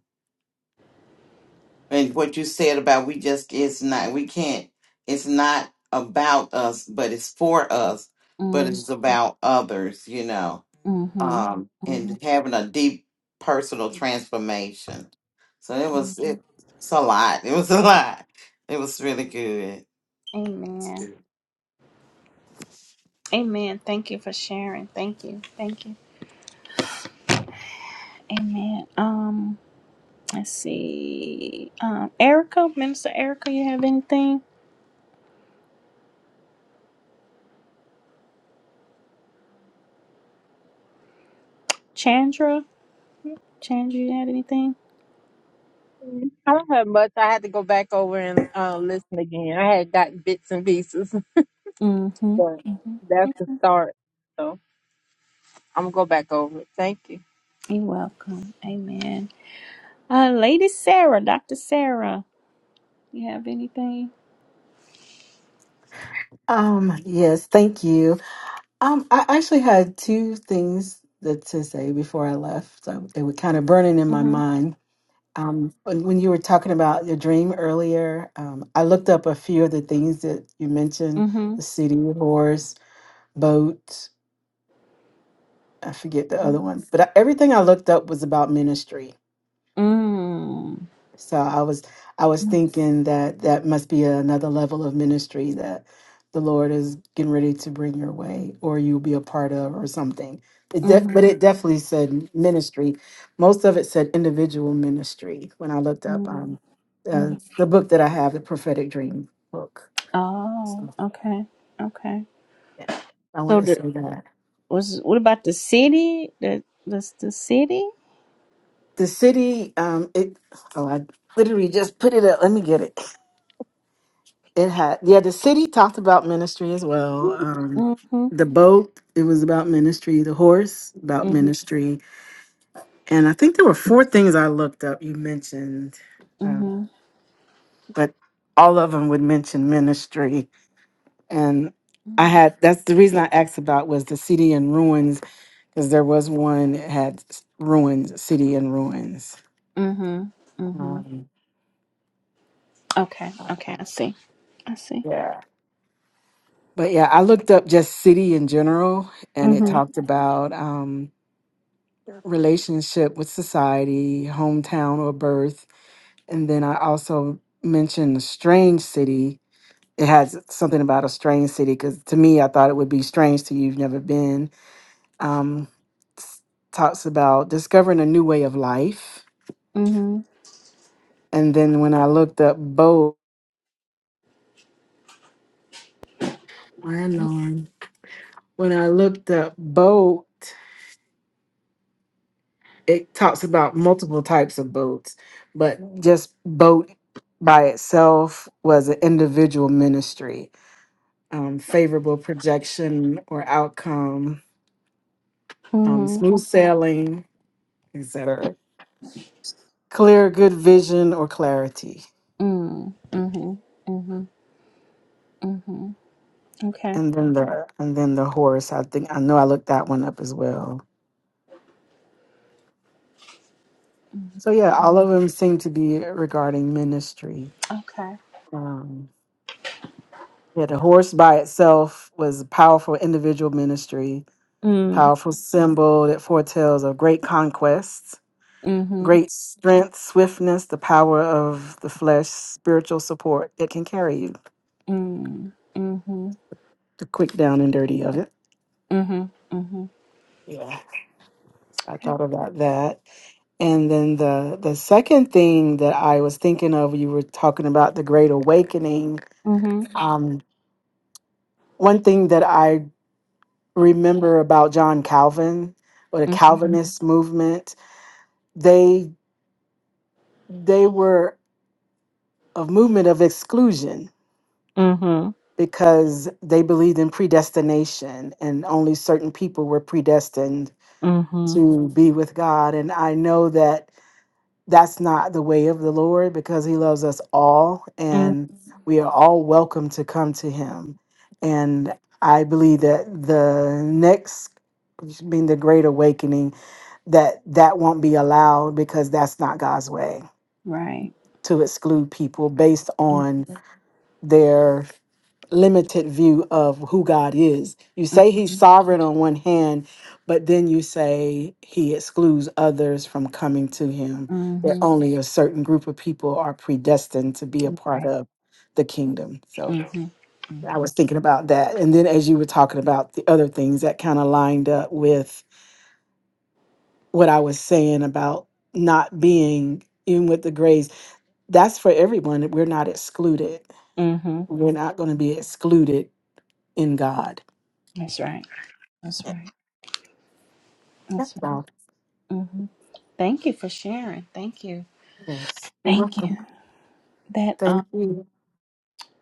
S10: and what you said about we just it's not we can't it's not about us but it's for us but it's about others you know
S1: Mm-hmm.
S10: um and having a deep personal transformation so it was it, it's a lot it was a lot it was really good
S1: Amen. Thank you for sharing. Thank you. Thank you. Amen. Um, let's see. Um, Erica, Minister Erica, you have anything? Chandra, Chandra, you had anything?
S9: Mm, I don't have much. I had to go back over and uh, listen again. I had got bits and pieces, *laughs*
S1: Mm-hmm.
S9: but that's the start. So I'm gonna go back over. it. Thank you.
S1: You're welcome. Amen. Uh, Lady Sarah, Dr. Sarah, you have anything?
S7: Um, yes, thank you. Um, I actually had two things that to say before I left. So they were kind of burning in my
S1: Mm-hmm.
S7: mind. Um, when, when you were talking about your dream earlier, um, I looked up a few of the things that you mentioned: the city, horse, boat. I forget the other one, but I, everything I looked up was about ministry. So I was I was thinking that that must be another level of ministry that the Lord is getting ready to bring your way, or you'll be a part of, or something. It de- but it definitely said ministry. Most of it said individual ministry when I looked up
S1: Mm-hmm.
S7: um, uh,
S1: hmm
S7: the book that I have, the prophetic dream book.
S1: Oh,
S7: So
S1: okay. Okay.
S7: yeah, I
S1: So
S7: want to
S1: the
S7: say that
S1: was what about the city? The the, the city?
S7: the city. Um, it oh, I literally just put it up. Let me get it. It had, yeah, the city talked about ministry as well. Um,
S1: Mm-hmm.
S7: the boat, it was about ministry. The horse, about
S1: Mm-hmm.
S7: ministry. And I think there were four things I looked up you mentioned, uh,
S1: Mm-hmm.
S7: but all of them would mention ministry. And I had, that's the reason I asked about was the city in ruins, because there was one that had s- ruins, city in ruins.
S1: Mm-hmm. Mm-hmm.
S7: Um,
S1: Okay.
S7: uh,
S1: Okay. I see. I see.
S7: yeah. But yeah, I looked up just city in general, and it talked about. um, relationship with society, hometown or birth. And then I also mentioned a strange city. It has something about a strange city because to me, I thought it would be strange to you. You've never been. Um, s- talks about discovering a new way of life.
S1: Mm-hmm.
S7: And then when I looked up boat, my alarm. When I looked up boat, it talks about multiple types of boats, but just boat by itself was an individual ministry um, favorable projection or outcome, um, smooth sailing, etc. Clear, good vision or clarity,
S1: Mm. Mm-hmm. Mm-hmm. Mm-hmm. Okay.
S7: and then the and then the horse. I think I know I looked that one up as well. So yeah, all of them seem to be regarding ministry.
S1: Okay.
S7: Um, yeah, the horse by itself was a powerful individual ministry,
S1: Mm.
S7: powerful symbol that foretells of great conquests
S1: Mm-hmm.
S7: great strength, swiftness, the power of the flesh, spiritual support that can carry you.
S1: Mm. Mm-hmm.
S7: the quick down and dirty of it.
S1: Mm-hmm. Mm-hmm.
S7: Yeah, I thought about that. And then the the second thing that I was thinking of, you were talking about the Great Awakening.
S1: Mm-hmm.
S7: Um, one thing that I remember about John Calvin or the
S1: Mm-hmm.
S7: Calvinist movement, they they were a movement of exclusion because they believed in predestination and only certain people were predestined to be with God. And I know that that's not the way of the Lord because He loves us all and we are all welcome to come to Him. And I believe that the next being the great awakening that that won't be allowed because that's not God's way
S1: Right.
S7: to exclude people based on their limited view of who God is. You say he's
S1: Mm-hmm.
S7: sovereign on one hand, but then you say he excludes others from coming to him, that
S1: Mm-hmm.
S7: only a certain group of people are predestined to be a part
S1: Right.
S7: of the kingdom. So
S1: Mm-hmm.
S7: I was thinking about that. And then as you were talking about the other things that kind of lined up with what I was saying about not being even with the grace, that's for everyone. We're not excluded.
S1: Mm-hmm.
S7: We're not going to be excluded in God.
S1: That's right. That's
S7: Yeah,
S1: right.
S7: That's
S1: That's right.
S7: all.
S1: Mm-hmm. Thank you for sharing. Thank you.
S7: Yes, you're
S1: Thank you.
S7: welcome.
S1: That um
S7: Thank you.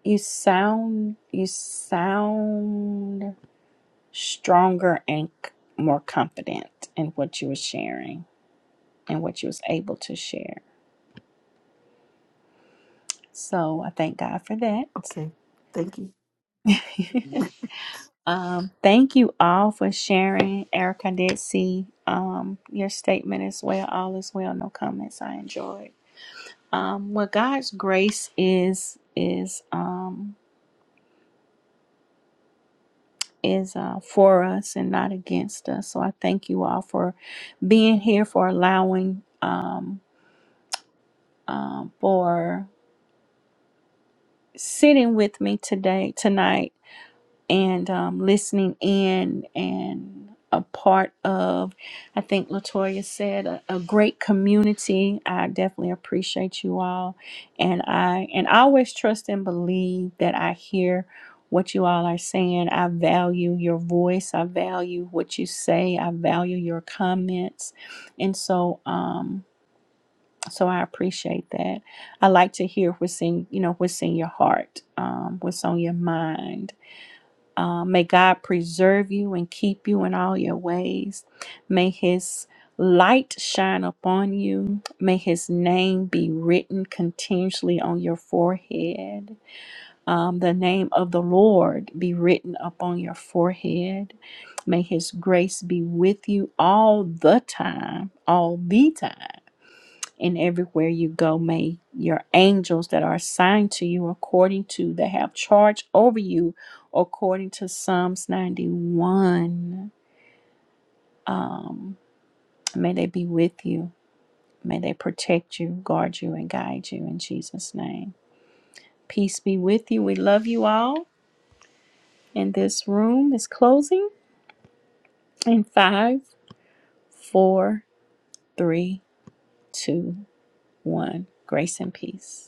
S1: you sound you sound stronger and c- more confident in what you were sharing and what you was able to share. So I thank God for that.
S7: Okay, thank you.
S1: *laughs* um, thank you all for sharing. Eric, I did see um, your statement as well. All is well. No comments. I enjoyed. Um, what God's grace is is um, is uh, for us and not against us. So I thank you all for being here for allowing um, um, for sitting with me today, tonight, and um, listening in and a part of, I think Latoya said, a, a great community. I definitely appreciate you all, and I and I always trust and believe that I hear what you all are saying. I value your voice. I value what you say. I value your comments, and so. Um, so I appreciate that. I like to hear what's in, you know, what's in your heart, um, what's on your mind. Um, may God preserve you and keep you in all your ways. May His light shine upon you. May His name be written continuously on your forehead. Um, the name of the Lord be written upon your forehead. May His grace be with you all the time, all the time and everywhere you go, may your angels that are assigned to you according to, that have charge over you according to Psalms 91, um, may they be with you. May they protect you, guard you, and guide you in Jesus' name. Peace be with you. We love you all. And this room is closing in five, four, three, two, one. Grace and peace.